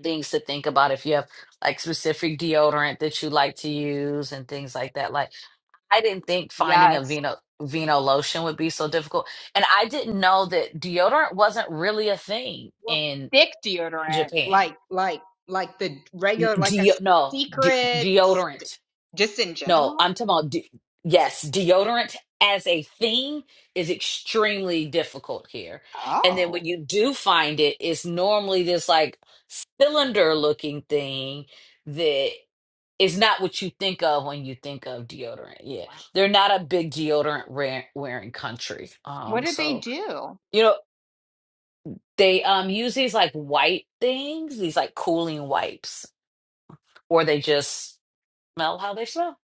things to think about if you have like specific deodorant that you like to use and things like that. Like I didn't think finding a Yes. Vino Vino lotion would be so difficult. And I didn't know that deodorant wasn't really a thing Well, in thick deodorant, Japan. like, like, like the regular, like a Deo, no, de- secret, deodorant. just in No, general. I'm talking about de- yes, deodorant as a thing is extremely difficult here. And then Oh, when you do find it, it's normally this like cylinder looking thing that. It's not what you think of when you think of deodorant. Yeah, wow. they're not a big deodorant wear- wearing country. What Um, did they so do? you know they um use these like white things, these like cooling wipes, or they just smell how they smell.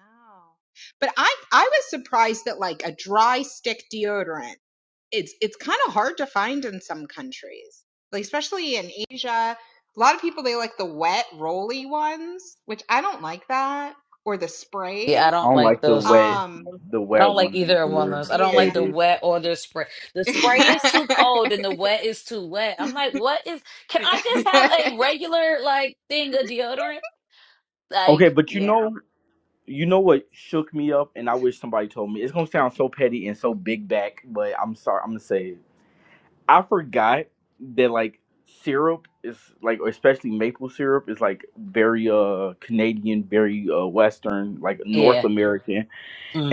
Oh. But I I was surprised that like a dry stick deodorant, it's it's kind of hard to find in some countries. Like especially in Asia, a lot of people they like the wet rolly ones, which I don't like that, or the Yeah, I sprays. I don't don't like like the those either. wet Um the I wet don't like ones either of one of either. those. I don't like yeah. Hate the it. wet or the spray. The spray is too cold and the wet is too wet. I'm like, what is? Can I yeah. just have a regular like thing of deodorant? Okay, Like, but you Yeah. know you know what shook me up and I wish somebody told me. It's gonna sound so petty and so big back, but I'm sorry, I'm gonna say it. I forgot that like syrup is like especially maple syrup is like very uh Canadian, very uh Western, like North yeah. American.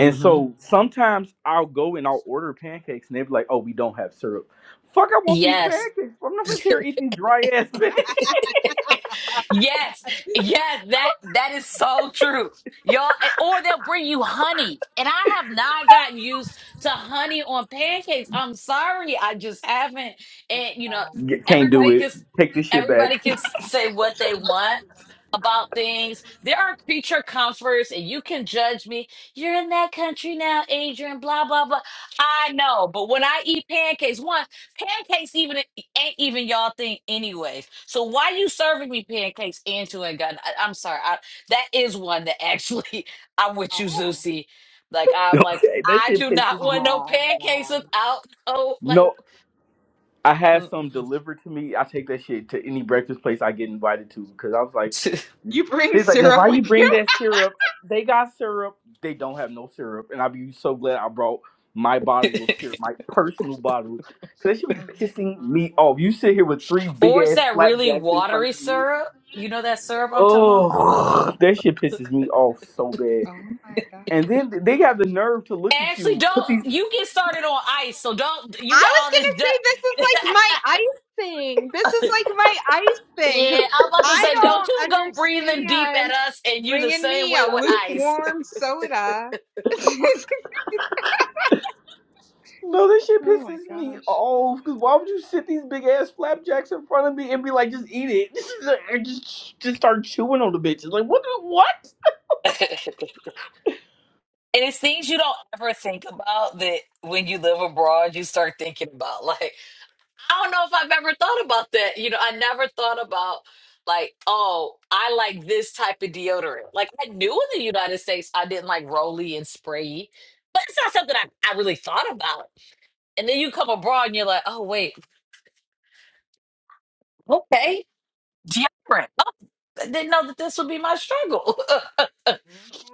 And so sometimes I'll go and I'll order pancakes and they'll be like, Oh, we don't have syrup. Fuck I want these Yes. pancakes. I'm not gonna sit here eating dry ass pancakes. yes, yes, that that is so true, y'all. and- Or they'll bring you honey, and I have not gotten used to honey on pancakes. I'm sorry, I just haven't. And you know, Yeah, Can't do everybody it. can Take this shit back. everybody can s- say what they want about things. There are creature comforts, and you can judge me. You're in that country now, Adrian. Blah blah blah. I know, but when I eat pancakes, one pancakes even ain't even y'all thing anyways. So why you serving me pancakes and you ain't got? I, am sorry. I, that is one that actually I'm with you, Oh. Zusi. Like I'm like Okay, that I shit do pisses not want me. no pancakes Oh. without oh like No, I had some mm-mm. delivered to me. I take that shit to any breakfast place I get invited to because I was like, You bring they's like, now syrup why with you bring you? that syrup? They got syrup. They don't have no syrup, and I'd be so glad I brought my bottle of syrup, my personal bottle, because that should Oh be my pissing me god. off. You sit here with three big or is ass that really flapjacks in watery front of you. syrup? You know that syrup I'm talking about. Oh, that shit pisses me off so bad. Oh my god. And then they have the nerve to look at Ashley, you, put these. don't you get started on ice? So don't you I got was all gonna this. Du- say this is like my ice thing. This is like my ice thing because yeah, I'm about to I say, don't don't you go breathing deep at understand us and you the bringing same me a way with ice. lukewarm soda. No, this shit oh my pisses me gosh. off. Cause why would you sit these big ass flapjacks in front of me and be like, just eat it? And just just start chewing on the bitches. Like what? the- What? and it's things you don't ever think about that when you live abroad, you start thinking about. Like, I don't know if I've ever thought about that. You know, I never thought about, like, oh, I like this type of deodorant. Like, I knew in the United States I didn't like Rolly and spray, but it's not something I, I really thought about. And then you come abroad and you're like, oh, wait, okay, deodorant. Oh, I didn't know that this would be my struggle.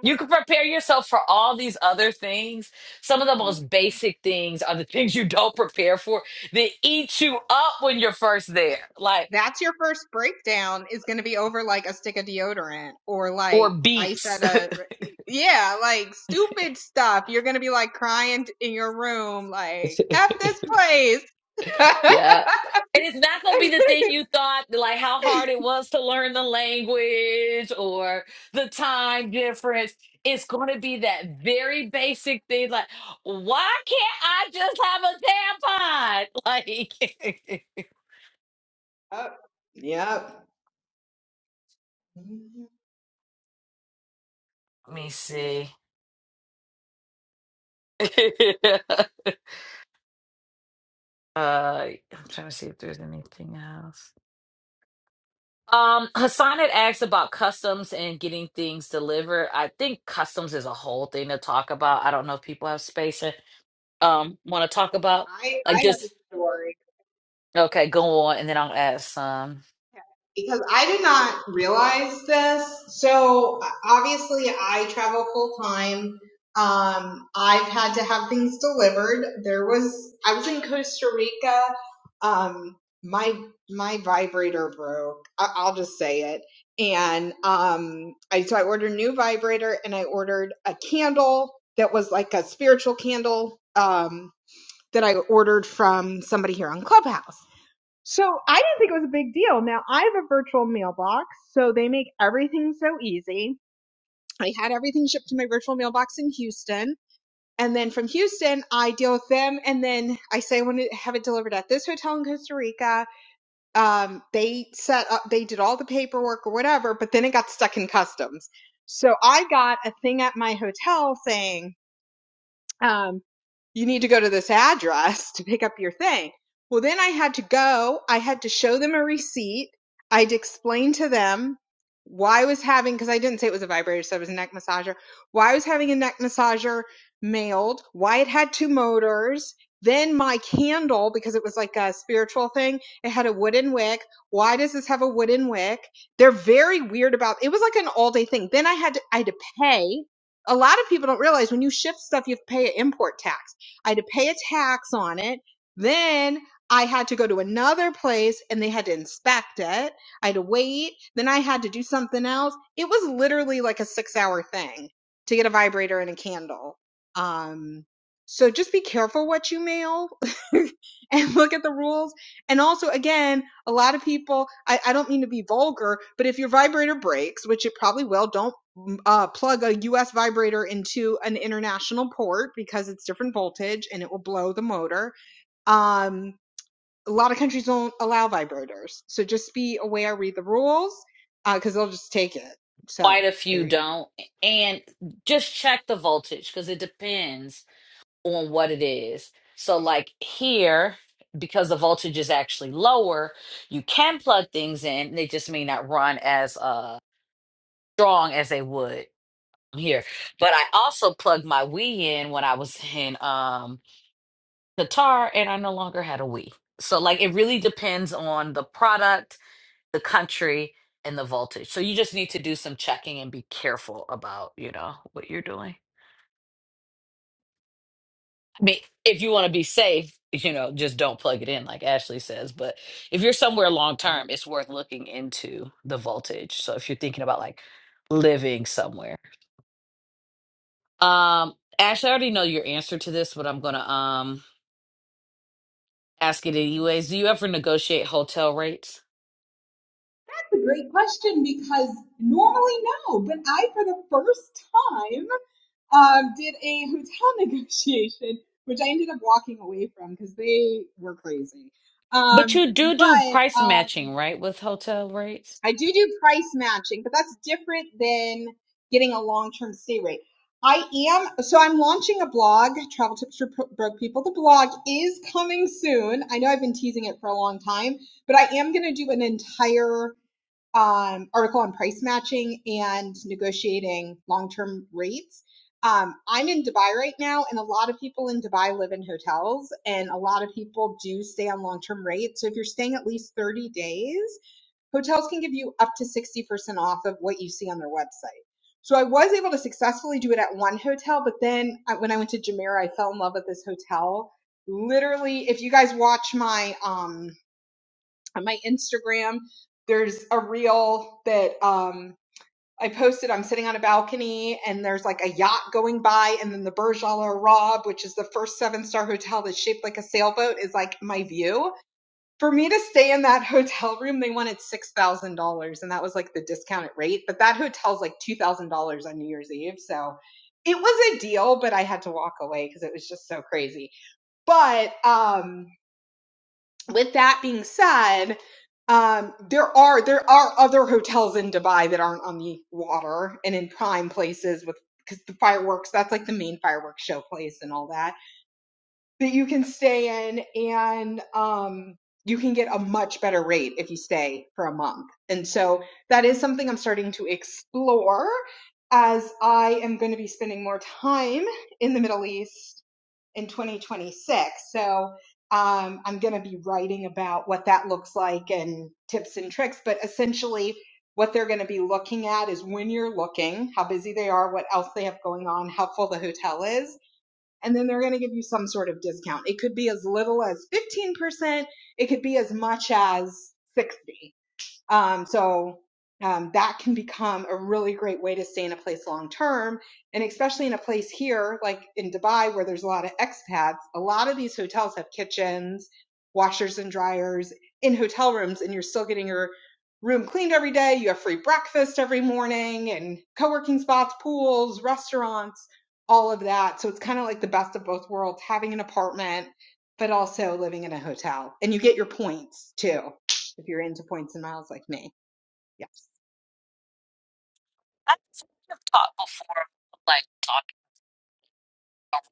You can prepare yourself for all these other things. Some of the most mhm. basic things are the things you don't prepare for that eat you up when you're first there, like, That's your first breakdown is gonna be over like a stick of deodorant or like or ice beats. at a yeah like stupid stuff. You're gonna be like crying in your room like f this place. yeah. And it's not going to be the thing you thought, like how hard it was to learn the language or the time difference. It's going to be that very basic thing, like, why can't I just have a tampon? Like, let me see. Uh, I'm trying to see if there's anything else. Um, Hassan had asked about customs and getting things delivered. I think customs is a whole thing to talk about. I don't know if people have space and um want to talk about. I Like I have a just story okay, go on, and then I'll ask some. because I did not realize this. So uh, obviously, I travel full time. Um, I've had to have things delivered. There was I was in Costa Rica. Um, my my vibrator broke. I, I'll just say it. And um, I so I ordered a new vibrator and I ordered a candle that was like a spiritual candle. Um, that I ordered from somebody here on Clubhouse. So I didn't think it was a big deal. Now I have a virtual mailbox, so they make everything so easy. I had everything shipped to my virtual mailbox in Houston. And then from Houston, I deal with them. And then I say I want to have it delivered at this hotel in Costa Rica. Um, they set up, they did all the paperwork or whatever, but then it got stuck in customs. So I got a thing at my hotel saying, um, you need to go to this address to pick up your thing. Well, then I had to go. I had to show them a receipt. I'd explain to them why I was having, because I didn't say it was a vibrator, so it was a neck massager, why I was having a neck massager mailed, why it had two motors. Then my candle, because it was like a spiritual thing, it had a wooden wick. Why does this have a wooden wick? They're very weird about it was like an all day thing. Then I had to I had to pay a lot of people don't realize when you ship stuff, you have to pay an import tax. I had to pay a tax on it. Then I had to go to another place and they had to inspect it. I had to wait. Then I had to do something else. It was literally like a six hour thing to get a vibrator and a candle. Um, so just be careful what you mail and look at the rules. And also, again, a lot of people, I, I don't mean to be vulgar, but if your vibrator breaks, which it probably will, don't uh, plug a US vibrator into an international port because it's different voltage and it will blow the motor. Um, a lot of countries don't allow vibrators. So just be aware, read the rules uh, because they'll just take it. So Quite a few there you go. don't, and just check the voltage because it depends on what it is. So like here, because the voltage is actually lower, you can plug things in. They just may not run as uh, strong as they would here. But I also plugged my Wii in when I was in um Qatar and I no longer had a Wii. So like it really depends on the product, the country, and the voltage. So you just need to do some checking and be careful about, you know, what you're doing. I mean, if you want to be safe, you know, just don't plug it in like Ashley says, but if you're somewhere long term, it's worth looking into the voltage. So if you're thinking about like living somewhere Um, Ashley, I already know your answer to this, but I'm gonna um ask it anyways. Do you ever negotiate hotel rates? That's a great question because normally no, but I, for the first time, um, did a hotel negotiation, which I ended up walking away from because they were crazy. But Um, you do do but price um, matching, right, with hotel rates? I do do price matching, but that's different than getting a long-term stay rate. I am, so I'm launching a blog, Travel Tips for Broke People. The blog is coming soon. I know I've been teasing it for a long time, but I am going to do an entire um, article on price matching and negotiating long-term rates. Um, I'm in Dubai right now, and a lot of people in Dubai live in hotels, and a lot of people do stay on long-term rates. So if you're staying at least 30 days, hotels can give you up to 60% off of what you see on their website. So I was able to successfully do it at one hotel, but then uh, when I went to Jumeirah, I fell in love with this hotel. Literally, if you guys watch my um my Instagram, there's a reel that um I posted. I'm sitting on a balcony, and there's like a yacht going by, and then the Burj Al Arab, which is the first seven star hotel that's shaped like a sailboat, is like my view for me to stay in that hotel room, they wanted six thousand dollars, and that was like the discounted rate. But that hotel's like two thousand dollars on New Year's Eve, so it was a deal. But I had to walk away because it was just so crazy. But um, with that being said, um, there are there are other hotels in Dubai that aren't on the water and in prime places with because the fireworks. That's like the main fireworks show place and all that that you can stay in and um you can get a much better rate if you stay for a month. And so that is something I'm starting to explore as I am going to be spending more time in the Middle East in 2026. So um, I'm going to be writing about what that looks like and tips and tricks. But essentially, what they're going to be looking at is when you're looking, how busy they are, what else they have going on, how full the hotel is and then they're going to give you some sort of discount. It could be as little as 15%, it could be as much as 60. Um, so um, that can become a really great way to stay in a place long term. And especially in a place here, like in Dubai, where there's a lot of expats, a lot of these hotels have kitchens, washers and dryers in hotel rooms, and you're still getting your room cleaned every day. You have free breakfast every morning and co working spots, pools, restaurants, all of that. So it's kind of like the best of both worlds having an apartment, but also living in a hotel. And you get your points too if you're into points and miles like me. Yeah. I have taught before, like talking about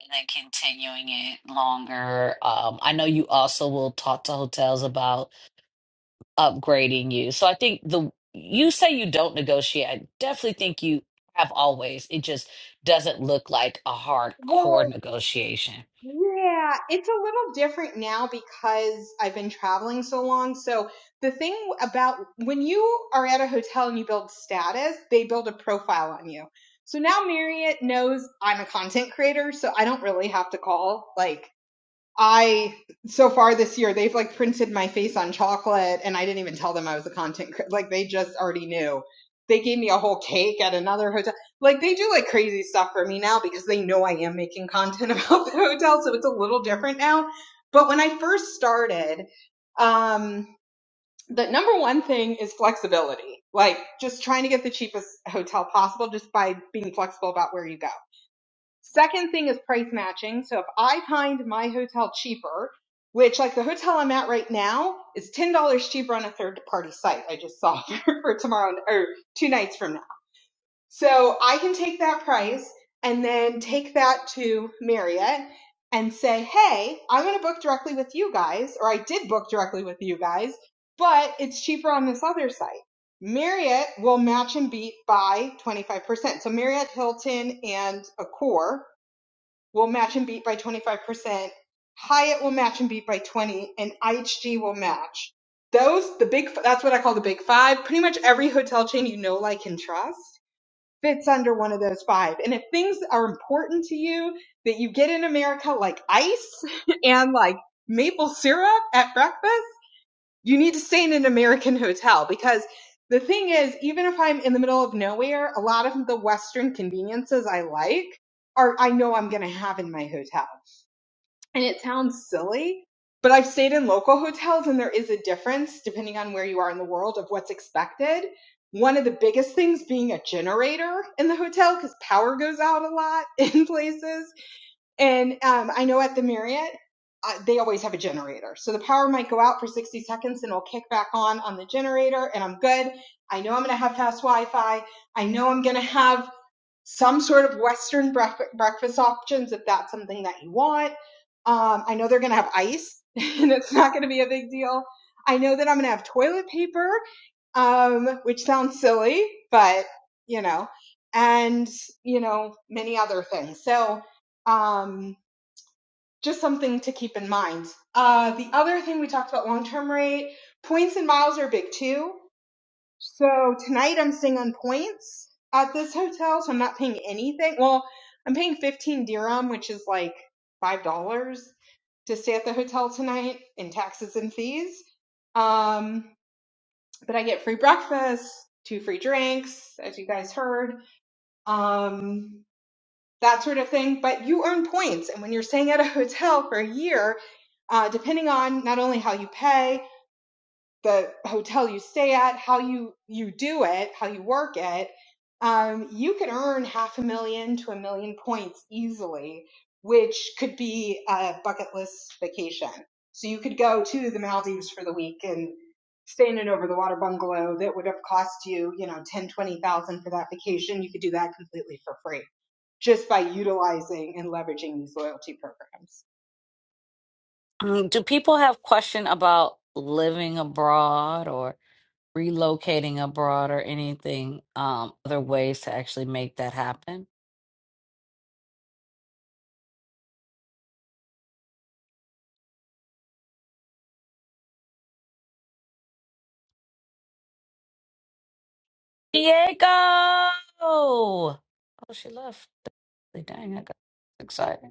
and then continuing it longer. Um, I know you also will talk to hotels about upgrading you. So I think the you say you don't negotiate. I definitely think you have always. It just doesn't look like a hardcore Well, negotiation. yeah, it's a little different now because I've been traveling so long. So the thing about when you are at a hotel and you build status, they build a profile on you. So now Marriott knows I'm a content creator, so I don't really have to call like I so far this year they've like printed my face on chocolate and I didn't even tell them I was a content like they just already knew. They gave me a whole cake at another hotel. Like they do like crazy stuff for me now because they know I am making content about the hotel so it's a little different now. But when I first started, um the number one thing is flexibility. Like just trying to get the cheapest hotel possible just by being flexible about where you go Second thing is price matching. So if I find my hotel cheaper, which like the hotel I'm at right now is $10 cheaper on a third party site. I just saw for tomorrow or two nights from now. So I can take that price and then take that to Marriott and say, Hey, I'm going to book directly with you guys, or I did book directly with you guys, but it's cheaper on this other site. Marriott will match and beat by 25%. So Marriott, Hilton, and Accor will match and beat by 25%. Hyatt will match and beat by 20, and IHG will match. Those, the big, that's what I call the big five. Pretty much every hotel chain you know, like, and trust fits under one of those five. And if things are important to you that you get in America, like ice and like maple syrup at breakfast, you need to stay in an American hotel because the thing is, even if I'm in the middle of nowhere, a lot of the Western conveniences I like are I know I'm going to have in my hotel and it sounds silly, but I've stayed in local hotels and there is a difference depending on where you are in the world of what's expected. One of the biggest things being a generator in the hotel because power goes out a lot in places. And um, I know at the Marriott, uh, they always have a generator. So the power might go out for 60 seconds and it'll kick back on on the generator and I'm good. I know I'm going to have fast Wi Fi. I know I'm going to have some sort of Western breakfast options if that's something that you want. Um, I know they're going to have ice, and it's not going to be a big deal. I know that I'm going to have toilet paper, um, which sounds silly, but you know, and you know, many other things. So, um, just something to keep in mind. Uh, the other thing we talked about long term rate points and miles are big too. So tonight I'm staying on points at this hotel, so I'm not paying anything. Well, I'm paying 15 dirham, which is like $5 to stay at the hotel tonight in taxes and fees. Um, but I get free breakfast, two free drinks, as you guys heard, um, that sort of thing. But you earn points. And when you're staying at a hotel for a year, uh, depending on not only how you pay, the hotel you stay at, how you you do it, how you work it, um, you could earn half a million to a million points easily, which could be a bucket list vacation. So you could go to the Maldives for the week and stay in an over the water bungalow that would have cost you, you know, ten, twenty thousand for that vacation. You could do that completely for free just by utilizing and leveraging these loyalty programs. Mm, Do people have question about living abroad or relocating abroad or anything? Um, other ways to actually make that happen? Diego! Oh, she left. Like, Dang, I got excited.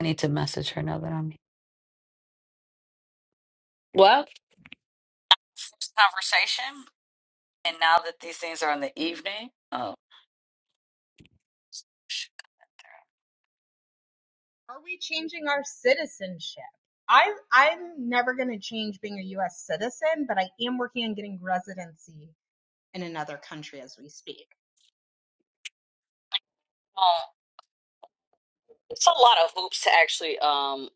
I need to message her now that I'm here. Well, first conversation, and now that these things are in the evening, oh, sh- Are we changing our citizenship? I I'm never going to change being a US citizen, but I am working on getting residency in another country as we speak. It's a lot of hoops to actually um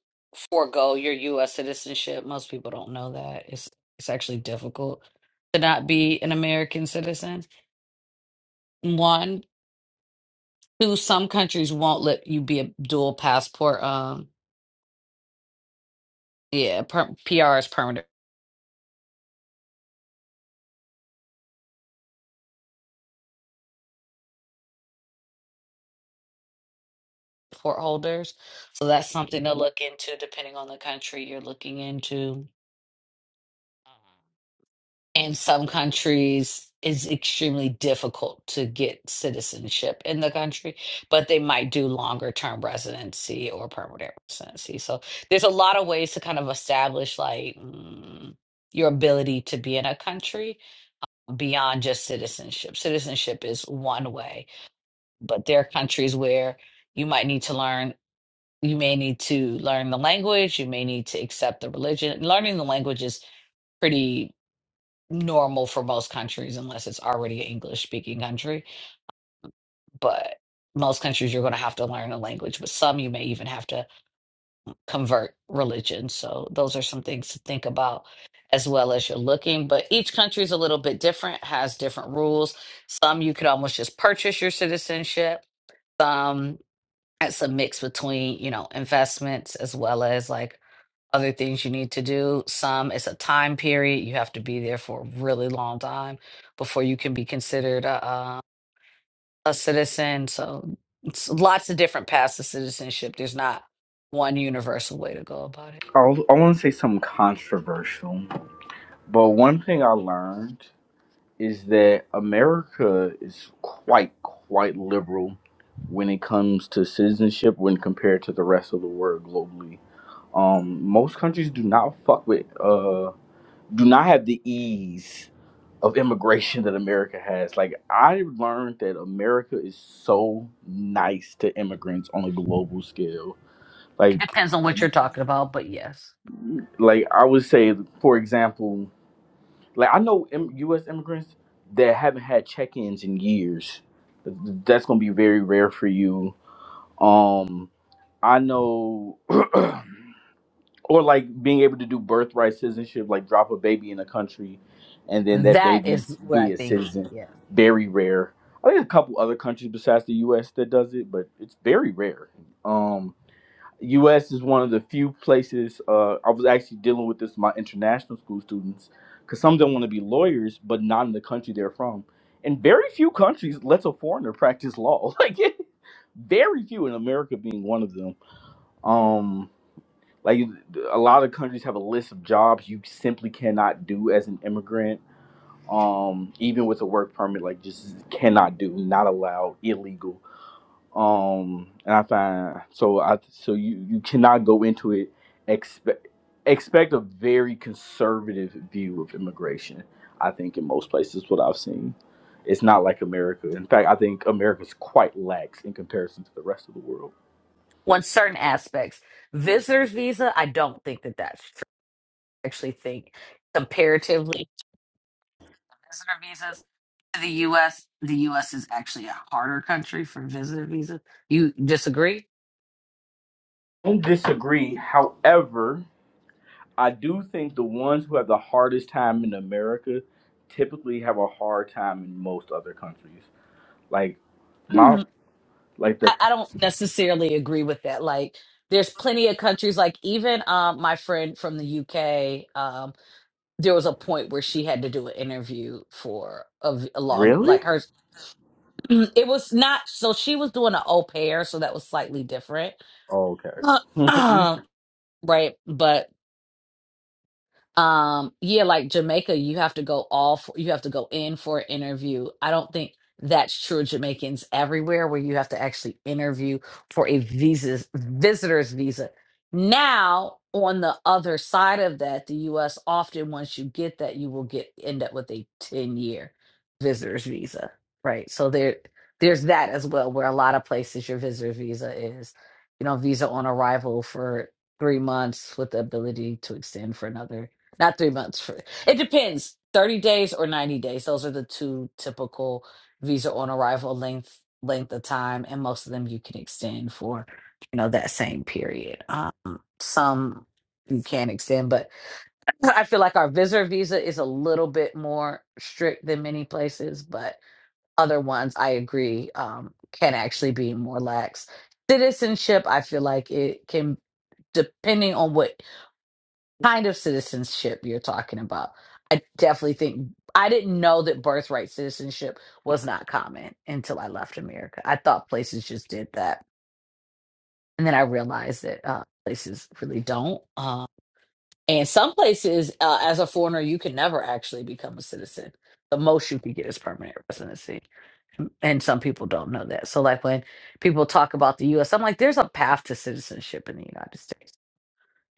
forego your U.S. citizenship. Most people don't know that. It's it's actually difficult to not be an American citizen. One, two, some countries won't let you be a dual passport. Um, yeah, per- PRs permanent passport holders. So that's something to look into, depending on the country you're looking into. in some countries it's extremely difficult to get citizenship in the country, but they might do longer term residency or permanent residency. So there's a lot of ways to kind of establish like mm, your ability to be in a country beyond just citizenship. Citizenship is one way, but there are countries where you might need to learn, you may need to learn the language, you may need to accept the religion. Learning the language is pretty normal for most countries unless it's already an English speaking country. But most countries you're going to have to learn a language, but some you may even have to convert religion. So those are some things to think about as well as you're looking. But each country is a little bit different, has different rules. Some you could almost just purchase your citizenship. It's a mix between, you know, investments as well as like other things you need to do. Some it's a time period. You have to be there for a really long time before you can be considered a, uh, a citizen. So it's lots of different paths to citizenship. There's not one universal way to go about it. I, I want to say something controversial, but one thing I learned is that America is quite quite liberal when it comes to citizenship when compared to the rest of the world globally. Um, most countries do not fuck with uh do not have the ease of immigration that America has. Like I learned that America is so nice to immigrants on a global scale. It Like depends on what you're talking about, but yes, like I would say for example, like I know im- US immigrants that haven't had check-ins in years. That's going to be very rare for you. Um I know or like being able to do birthright citizenship, like drop a baby in a country, and then that that baby is where I be a think, citizen. yes. Very rare. I think a couple other countries besides the U.S. that does it, but it's very rare. Um, U.S. is one of the few places. Uh, I was actually dealing with this with my international school students because some don't want to be lawyers, but not in the country they're from. And very few countries lets a foreigner practice law. Like very few, in America being one of them. Um, like a lot of countries have a list of jobs you simply cannot do as an immigrant, um, even with a work permit. Like just cannot do, not allowed, illegal. Um, and I find so I so you you cannot go into it expect expect a very conservative view of immigration. I think in most places, what I've seen, it's not like America. In fact, I think America's quite lax in comparison to the rest of the world. On certain aspects, visitor's visa, I don't think that that's true. I actually think comparatively visitor visas to the U.S. The U.S. is actually a harder country for visitor visas. You disagree? I don't disagree. However, I do think the ones who have the hardest time in America typically have a hard time in most other countries. Like my Mhm. like I, the I don't necessarily agree with that. Like, there's plenty of countries, like even um, my friend from the UK, um, there was a point where she had to do an interview for a, v- a longer, Really? like hers. It was not, so she was doing an au pair, so that was slightly different. Oh, okay. I Uh, right. but. Um, yeah, like Jamaica, you have to go all for, you have to go in for an interview. I don't think that's true of Jamaicans everywhere where you have to actually interview for a visas visitor's visa. Now, on the other side of that, the US often once you get that, you will get end up with a 10-year visitor's visa, right? So there there's that as well, where a lot of places your visitor's visa is, you know, visa on arrival for three months with the ability to extend for another not three months. For, it depends. 30 days or 90 days. Those are the two typical visa on arrival length length of time. And most of them you can extend for, you know, that same period. Um, some you can extend, but I feel like our visitor visa is a little bit more strict than many places, but other ones I agree um, can actually be more lax. Citizenship, I feel like it can depending on what kind of citizenship you're talking about. I definitely think I didn't know that birthright citizenship was not common until I left America. I thought places just did that, and then I realized that uh, places really don't. Uh, and some places, uh, as a foreigner, you can never actually become a citizen. The most you can get is permanent residency, and some people don't know that. So, like when people talk about the U.S., I'm like, there's a path to citizenship in the United States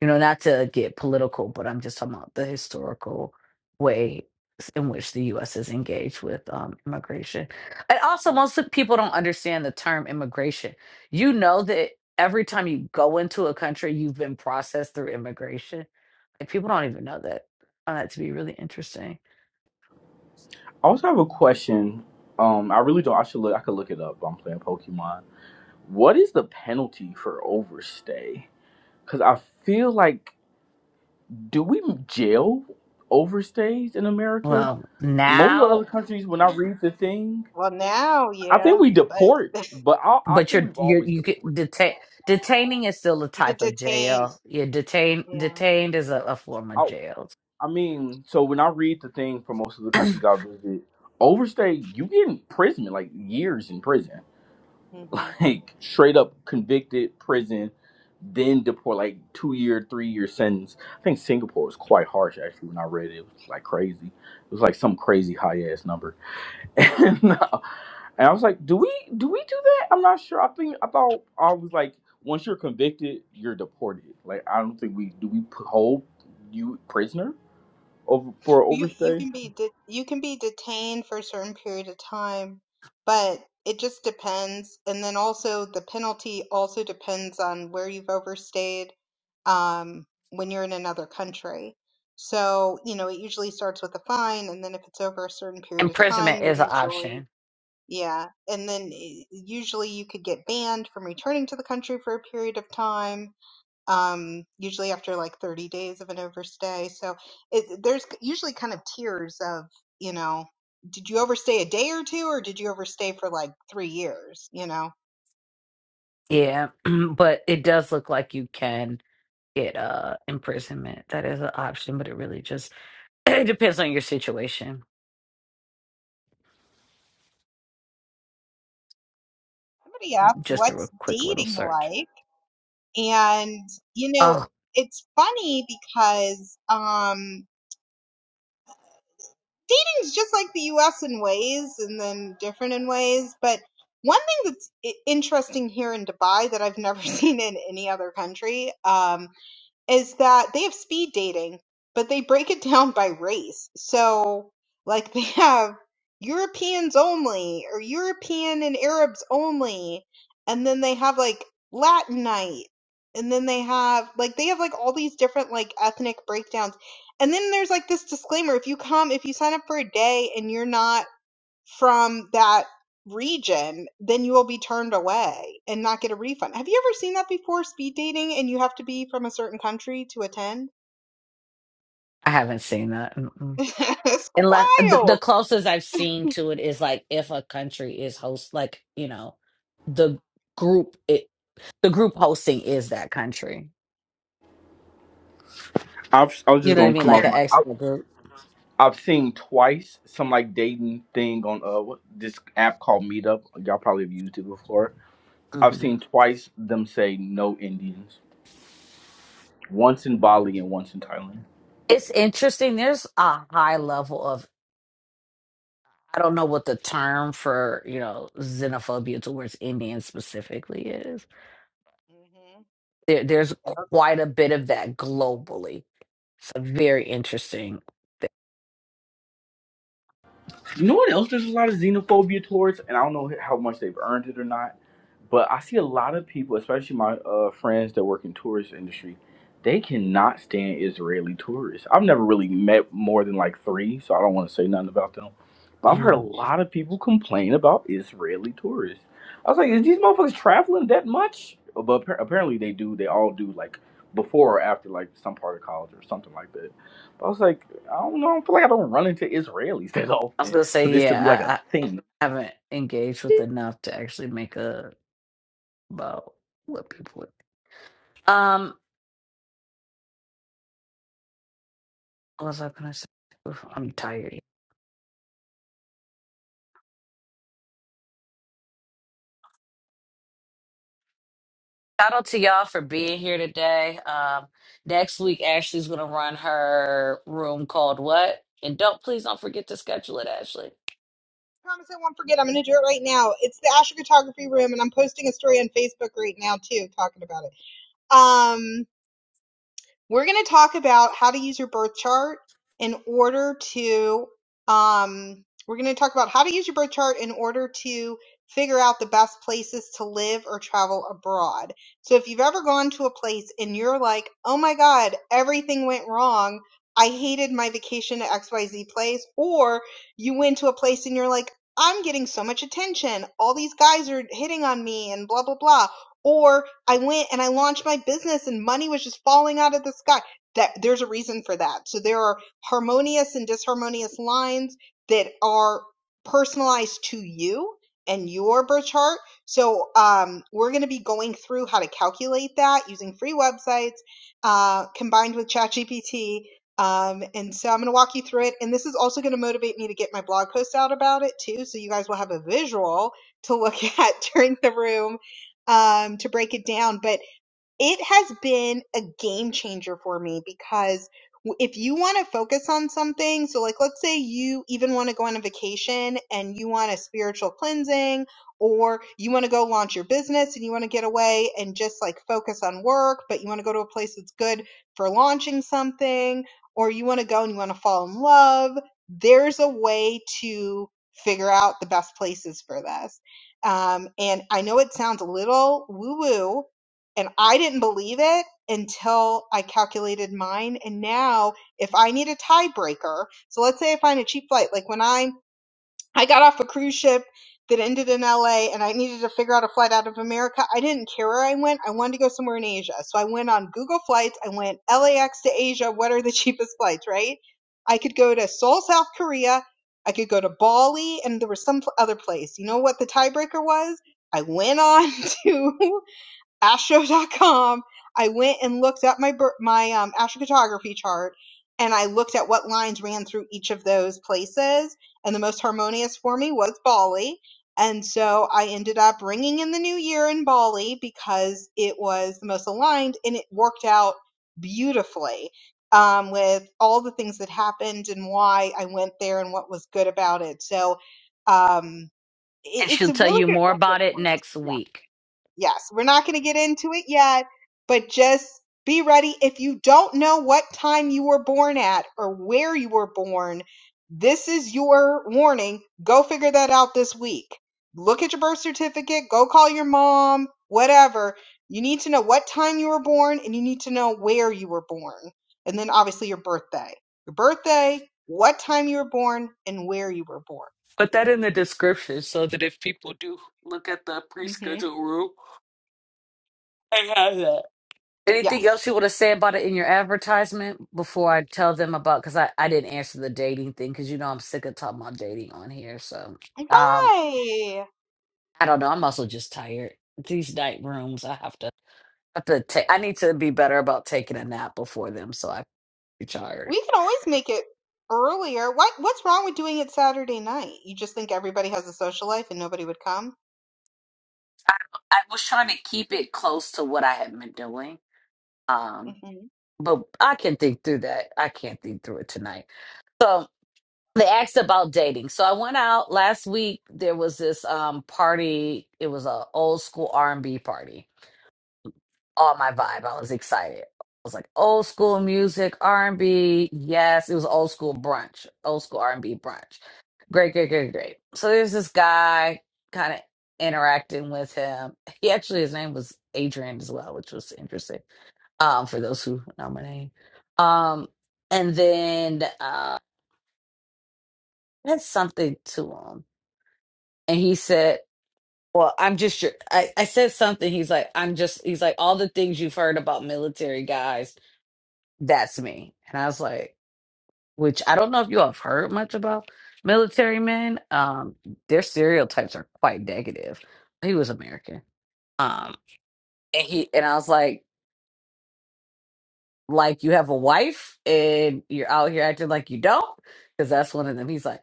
you know, not to get political, but I'm just talking about the historical way s- in which the U.S. is engaged with um, immigration. And also, most of people don't understand the term immigration. You know that every time you go into a country, you've been processed through immigration. Like people don't even know that. I found that to be really interesting. also have a question. Um I really don't I should look I could look it up. But I'm playing Pokemon. What is the penalty for overstay? Cuz I feel like do we jail overstays in America? Well, Most of the other now, countries when I read the thing, Well, now, I think yeah, we but deport, but I I but think you're we've you're always you get deported. detain detaining is still a you get type of detained. jail. You're detained Yeah. detained is a, a form of I jail I mean, so when I read the thing for most of the countries I visit, overstay you get in prison, like years in prison, hmm like straight up convicted prison, then deport, like two year, three year sentence. I think Singapore was quite harsh actually when I read it. It was like crazy. It was like some crazy high ass number. And, uh, and I was like, do we do we do that? I'm not sure. I think I thought I was like, once you're convicted, you're deported. Like I don't think we do we put- hold you prisoner. Over, for You you overstay? can be de you can be detained for a certain period of time, but it just depends. And then also the penalty also depends on where you've overstayed, um, when you're in another country. So, you know, it usually starts with a fine, and then if it's over a certain period of time, imprisonment is an you usually option. yeah, and then i- usually you could get banned from returning to the country for a period of time um, usually after like 30 days of an overstay. So it, there's usually kind of tiers of, you know, did you overstay a day or two, or did you overstay for like three years? You know, Yeah, but it does look like you can get uh imprisonment. That is an option, but it really just it depends on your situation. somebody asked, Just through a what's quick little dating search. like? And, you know, Oh, it's funny because, um, dating's just like the US in ways and then different in ways, but one thing that's i- interesting here in Dubai that I've never seen in any other country, um, is that they have speed dating, but they break it down by race. So, like, they have Europeans only, or European and Arabs only, and then they have like Latin night, and then they have like they have like all these different like ethnic breakdowns. And then there's like this disclaimer: if you come, if you sign up for a day and you're not from that region, then you will be turned away and not get a refund. Have you ever seen that before? Speed dating and you have to be from a certain country to attend? I haven't seen that. Mm-mm. it's Unless the, the wild. closest I've seen to it is like if a country is host, like you know, the group it the group hosting is that country. I've, I was You just know what I gonna mean? come Like off an my. I, expert group. I've seen twice some like dating thing on uh what, this app called Meetup. Y'all probably have used it before. I've hmm seen twice them say no Indians. Once in Bali and once in Thailand. It's interesting. There's a high level of I don't know what the term for you know xenophobia towards Indians specifically is. There, there's quite a bit of that globally. It's a very interesting thing. You know what else? There's a lot of xenophobia towards, and I don't know how much they've earned it or not. But I see a lot of people, especially my uh, friends that work in tourist industry, they cannot stand Israeli tourists. I've never really met more than like three, so I don't want to say nothing about them. But I've heard a Mm. lot of people complain about Israeli tourists. I was like, is these motherfuckers traveling that much? Uh, But appar- apparently they do. They all do like before or after like some part of college or something like that. But I was like, I don't know. I feel like I don't run into Israelis that I was often gonna for say, this to be like a yeah, thing. I, I haven't engaged with enough to actually make a about what people. Um, what was I gonna say? Oof, I'm tired. Shout out to y'all for being here today. Um, next week, Ashley's going to run her room called What? And don't please don't forget to schedule it, Ashley. promise I won't forget. I'm going to do it right now. It's the astrocartography room, and I'm posting a story on Facebook right now too, talking about it. Um. We're going to talk about how to use your birth chart in order to, um, we're going to talk about how to use your birth chart in order to figure out the best places to live or travel abroad. So if you've ever gone to a place and you're like, oh my God, everything went wrong. I hated my vacation to XYZ place, or you went to a place and you're like, I'm getting so much attention. All these guys are hitting on me and blah, blah, blah or I went and I launched my business and money was just falling out of the sky. That there's a reason for that. So there are harmonious and disharmonious lines that are personalized to you and your birth chart. So um, we're going to be going through how to calculate that using free websites uh, combined with ChatGPT. Um, and so I'm going to walk you through it. And this is also going to motivate me to get my blog post out about it too. So you guys will have a visual to look at during the room um, to break it down. But it has been a game changer for me because if you want to focus on something, so like let's say you even want to go on a vacation and you want a spiritual cleansing or you want to go launch your business and you want to get away and just like focus on work, but you want to go to a place that's good for launching something or you want to go and you want to fall in love, there's a way to figure out the best places for this. Um, and I know it sounds a little woo woo, and I didn't believe it until I calculated mine. And now if I need a tiebreaker, so let's say I find a cheap flight, like when I, I got off a cruise ship that ended in LA and I needed to figure out a flight out of America, I didn't care where I went. I wanted to go somewhere in Asia. So I went on Google Flights. I went LAX to Asia. What are the cheapest flights, right? I could go to Seoul, South Korea. I could go to Bali and there was some other place. You know what the tiebreaker was? I went on to astro.com i went and looked up my my um, astrocartography chart and i looked at what lines ran through each of those places and the most harmonious for me was bali and so i ended up ringing in the new year in bali because it was the most aligned and it worked out beautifully um, with all the things that happened and why i went there and what was good about it so um, it, And it's she'll a tell really you good more about reference it point next Yeah. week. Yes, we're not going to get into it yet, but just be ready. If you don't know what time you were born at or where you were born, this is your warning. Go figure that out this week. Look at your birth certificate, go call your mom, whatever. You need to know what time you were born and you need to know where you were born. And then obviously your birthday. Your birthday, what time you were born, and where you were born. Put that in the description so that if people do look at the pre hmm scheduled room, they have that. Anything Yes. else you want to say about it in your advertisement before I tell them about? Because I, I didn't answer the dating thing because you know I'm sick of talking about dating on here. So um, Why? I don't know. I'm also just tired. These night rooms, I have to. I have to ta- I need to be better about taking a nap before them, so i be We tired. can always make it earlier. What what's wrong with doing it Saturday night? You just think everybody has a social life and nobody would come? I, I was trying to keep it close to what I had been doing, um, hmm but I can think through that. I can't think through it tonight. So they asked about dating. So I went out last week. There was this um party. It was a old school R and B party, all my vibe. I was excited. I was like old school music, R and B. Yes, it was old school brunch, old school R and B brunch. Great, great, great, great. So there's this guy kind of interacting with him. He actually his name was Adrian as well, which was interesting. Um, for those who know my name. Um, and then uh, I said something to him, and he said. Well, I'm just your. I, I said something. He's like, I'm just. He's like, all the things you've heard about military guys That's me. And I was like, which I don't know if you all have heard much about military men. Um, their stereotypes are quite negative. He was American. Um, and he and I was like, like you have a wife and you're out here acting like you don't, because that's one of them. He's like,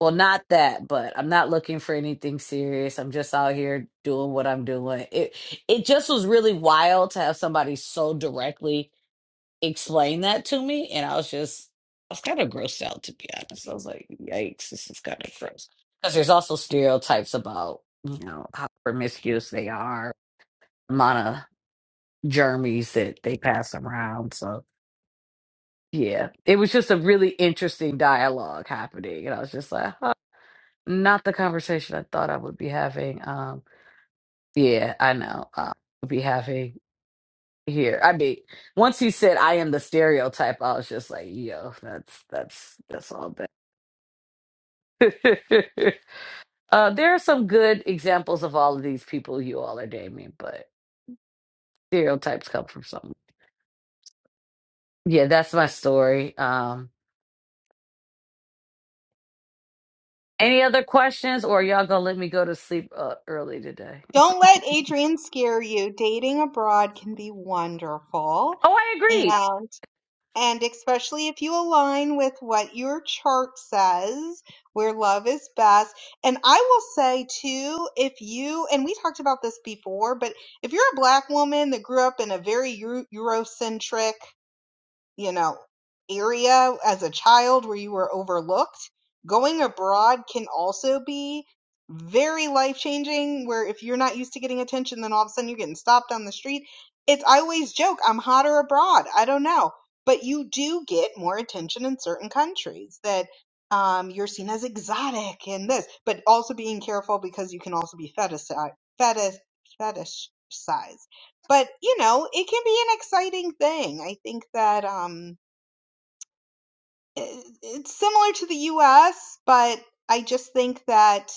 well, not that, but I'm not looking for anything serious. I'm just out here doing what I'm doing. It it just was really wild to have somebody so directly explained that to me, and I was just, I was kind of grossed out, to be honest. I was like, yikes, this is kind of gross. Because there's also stereotypes about, you know, how promiscuous they are, amount of germs that they pass around. So, yeah, it was just a really interesting dialogue happening. And I was just like, huh, not the conversation I thought I would be having. Um, yeah, I know. Uh, be having here. I mean, once he said I am the stereotype, I was just like, yo, that's that's that's all bad." uh there are some good examples of all of these people you all are naming, but stereotypes come from somewhere. Yeah, that's my story. Um any other questions or y'all gonna let me go to sleep uh, early today? Don't let Adrian scare you. Dating abroad can be wonderful. Oh, I agree. And and especially if you align with what your chart says, where love is best. And I will say too, if you and we talked about this before, but if you're a black woman that grew up in a very Eu- Eurocentric you know, area as a child where you were overlooked, going abroad can also be very life changing. Where if you're not used to getting attention, then all of a sudden you're getting stopped on the street. It's, I always joke, I'm hotter abroad. I don't know. But you do get more attention in certain countries that um, you're seen as exotic and this, but also being careful because you can also be fetish Fetish, fetishized but you know it can be an exciting thing i think that um i- it's similar to the us but i just think that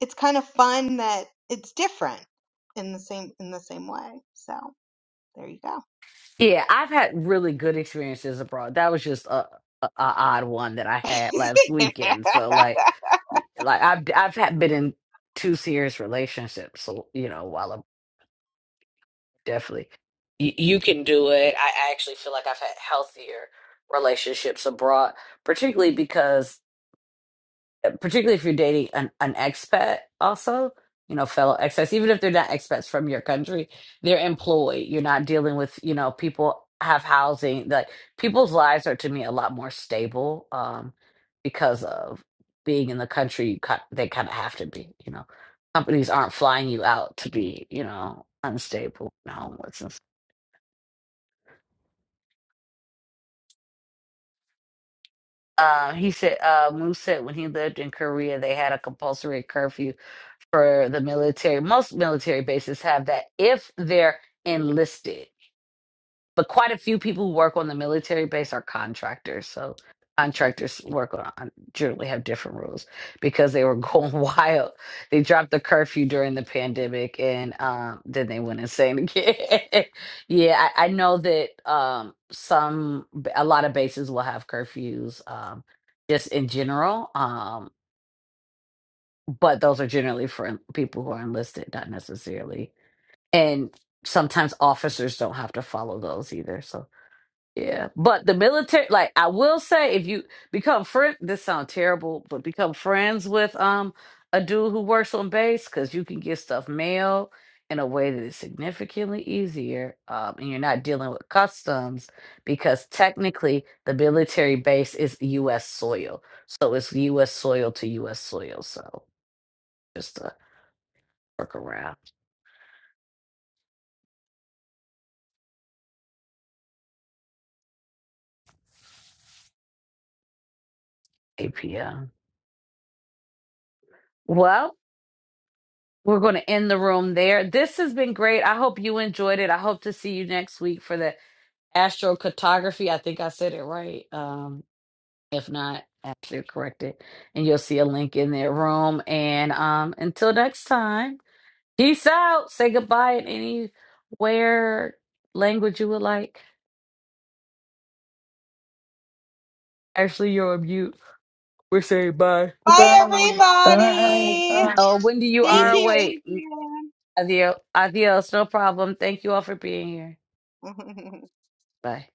it's kind of fun that it's different in the same in the same way so there you go Yeah, I've had really good experiences abroad. That was just a, a, a odd one that I had last weekend. So like, y- like I've I've had been in two serious relationships. So you know, while I'm definitely you, you can do it. I I actually feel like I've had healthier relationships abroad, particularly because particularly if you're dating an, an expat also you know fellow expats even if they're not expats from your country they're employed you're not dealing with you know people have housing like people's lives are to me a lot more stable um because of being in the country you ki- they kind of have to be you know companies aren't flying you out to be you know unstable and homeless and uh, he said uh, Moose said when he lived in Korea they had a compulsory curfew for the military. Most military bases have that if they're enlisted, but quite a few people who work on the military base are contractors. So contractors work on generally have different rules because they were going wild. They dropped the curfew during the pandemic, and um, then they went insane again. yeah, I, I know that um, some a lot of bases will have curfews. Um, just in general. Um, but those are generally for people who are enlisted, not necessarily. And sometimes officers don't have to follow those either. So yeah, but the military, like I will say, if you become friend, this sounds terrible, but become friends with um a dude who works on base because you can get stuff mailed in a way that is significantly easier, um, and you're not dealing with customs because technically the military base is U.S. soil, so it's U.S. soil to U.S. soil. So just a Workaround around Well, we're going to end the room there. This has been great. I hope you enjoyed it. I hope to see you next week for the astrocartography. I think I said it right. Um, if not, actually correct it. And you'll see a link in that room. And um, until next time, peace out. Say goodbye in any where language you would like. Actually, you're on mute. We're saying bye. bye right, right, everybody uh, Oh, Wendy, you thank are yeah. you awake. Adios. Adios. No problem. Thank you all for being here. adrian Bye.